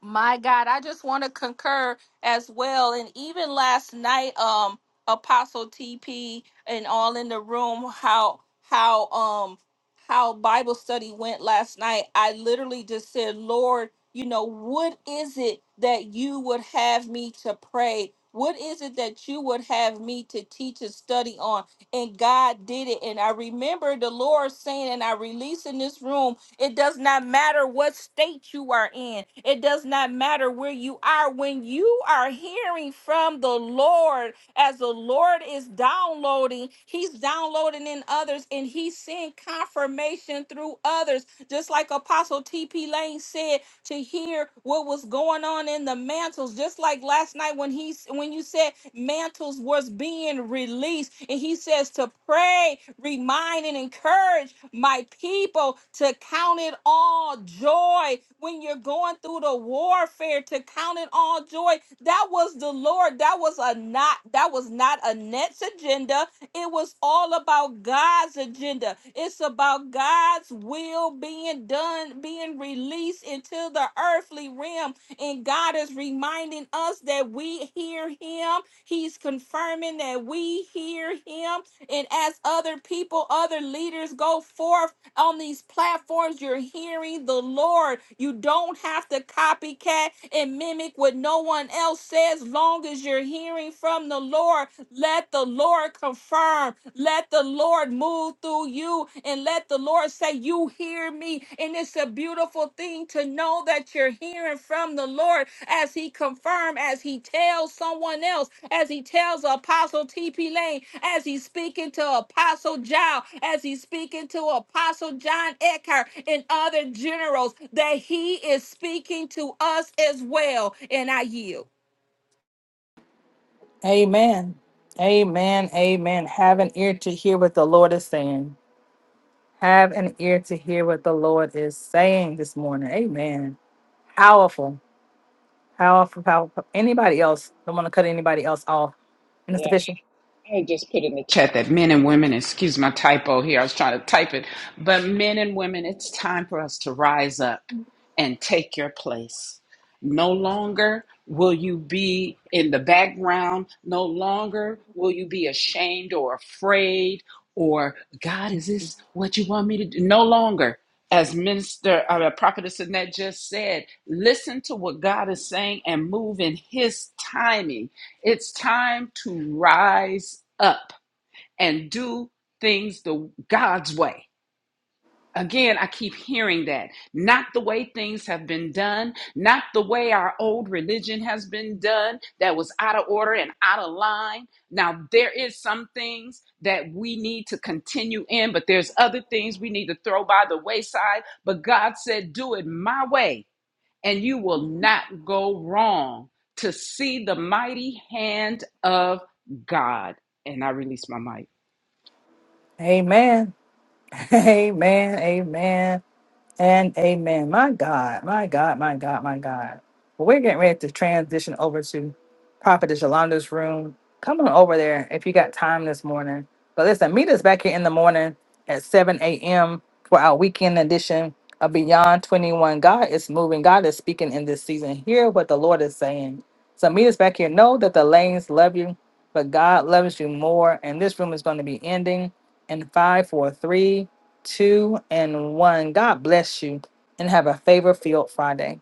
My God, I just want to concur as well. And even last night, um, Apostle TP and all in the room, how how um how Bible study went last night. I literally just said, Lord, you know, what is it that you would have me to pray? What is it that you would have me to teach and study on? And God did it. And I remember the Lord saying, and I released in this room it does not matter what state you are in. It does not matter where you are. When you are hearing from the Lord, as the Lord is downloading, He's downloading in others and He's seeing confirmation through others. Just like Apostle T.P. Lane said, to hear what was going on in the mantles. Just like last night when he when you said mantles was being released, and he says to pray, remind, and encourage my people to count it all joy when you're going through the warfare. To count it all joy. That was the Lord. That was a not. That was not a nets agenda. It was all about God's agenda. It's about God's will being done, being released into the earthly realm. And God is reminding us that we hear Him. He's confirming that we hear Him. And as other people, other leaders go forth on these platforms, you're hearing the Lord. You don't have to copycat and mimic what no one else says, long as you're hearing from the Lord let the Lord confirm. Let the Lord move through you and let the Lord say, You hear me. And it's a beautiful thing to know that you're hearing from the Lord as He confirms, as He tells someone else, as He tells Apostle T.P. Lane, as He's speaking to Apostle Giles, as He's speaking to Apostle John Eckhart and other generals, that He is speaking to us as well. And I yield.
Amen. Amen. Amen. Have an ear to hear what the Lord is saying. Have an ear to hear what the Lord is saying this morning. Amen. Powerful. Powerful, powerful. Anybody else? Don't want to cut anybody else off. Mr. Fisher.
I just put in the chat that men and women, excuse my typo here, I was trying to type it, but men and women, it's time for us to rise up and take your place. No longer will you be in the background, no longer will you be ashamed or afraid or, God, is this what you want me to do? No longer. As Minister uh, Prophetess Annette just said, listen to what God is saying and move in His timing it's time to rise up and do things the God's way. Again, I keep hearing that. Not the way things have been done, not the way our old religion has been done that was out of order and out of line. Now, there is some things that we need to continue in, but there's other things we need to throw by the wayside. But God said, do it my way and you will not go wrong to see the mighty hand of God. And I release my mic.
Amen. [LAUGHS] Amen. Amen. And amen. My God, my God, my God, my God. Well, we're getting ready to transition over to Prophetess Yolanda's room. Come on over there if you got time this morning. But listen, meet us back here in the morning at 7 a.m. for our weekend edition of Beyond 21. God is moving, God is speaking in this season. Hear what the Lord is saying. So meet us back here. Know that the lanes love you, but God loves you more. And this room is going to be ending in 543 two, and one. God bless you and have a favor filled Friday.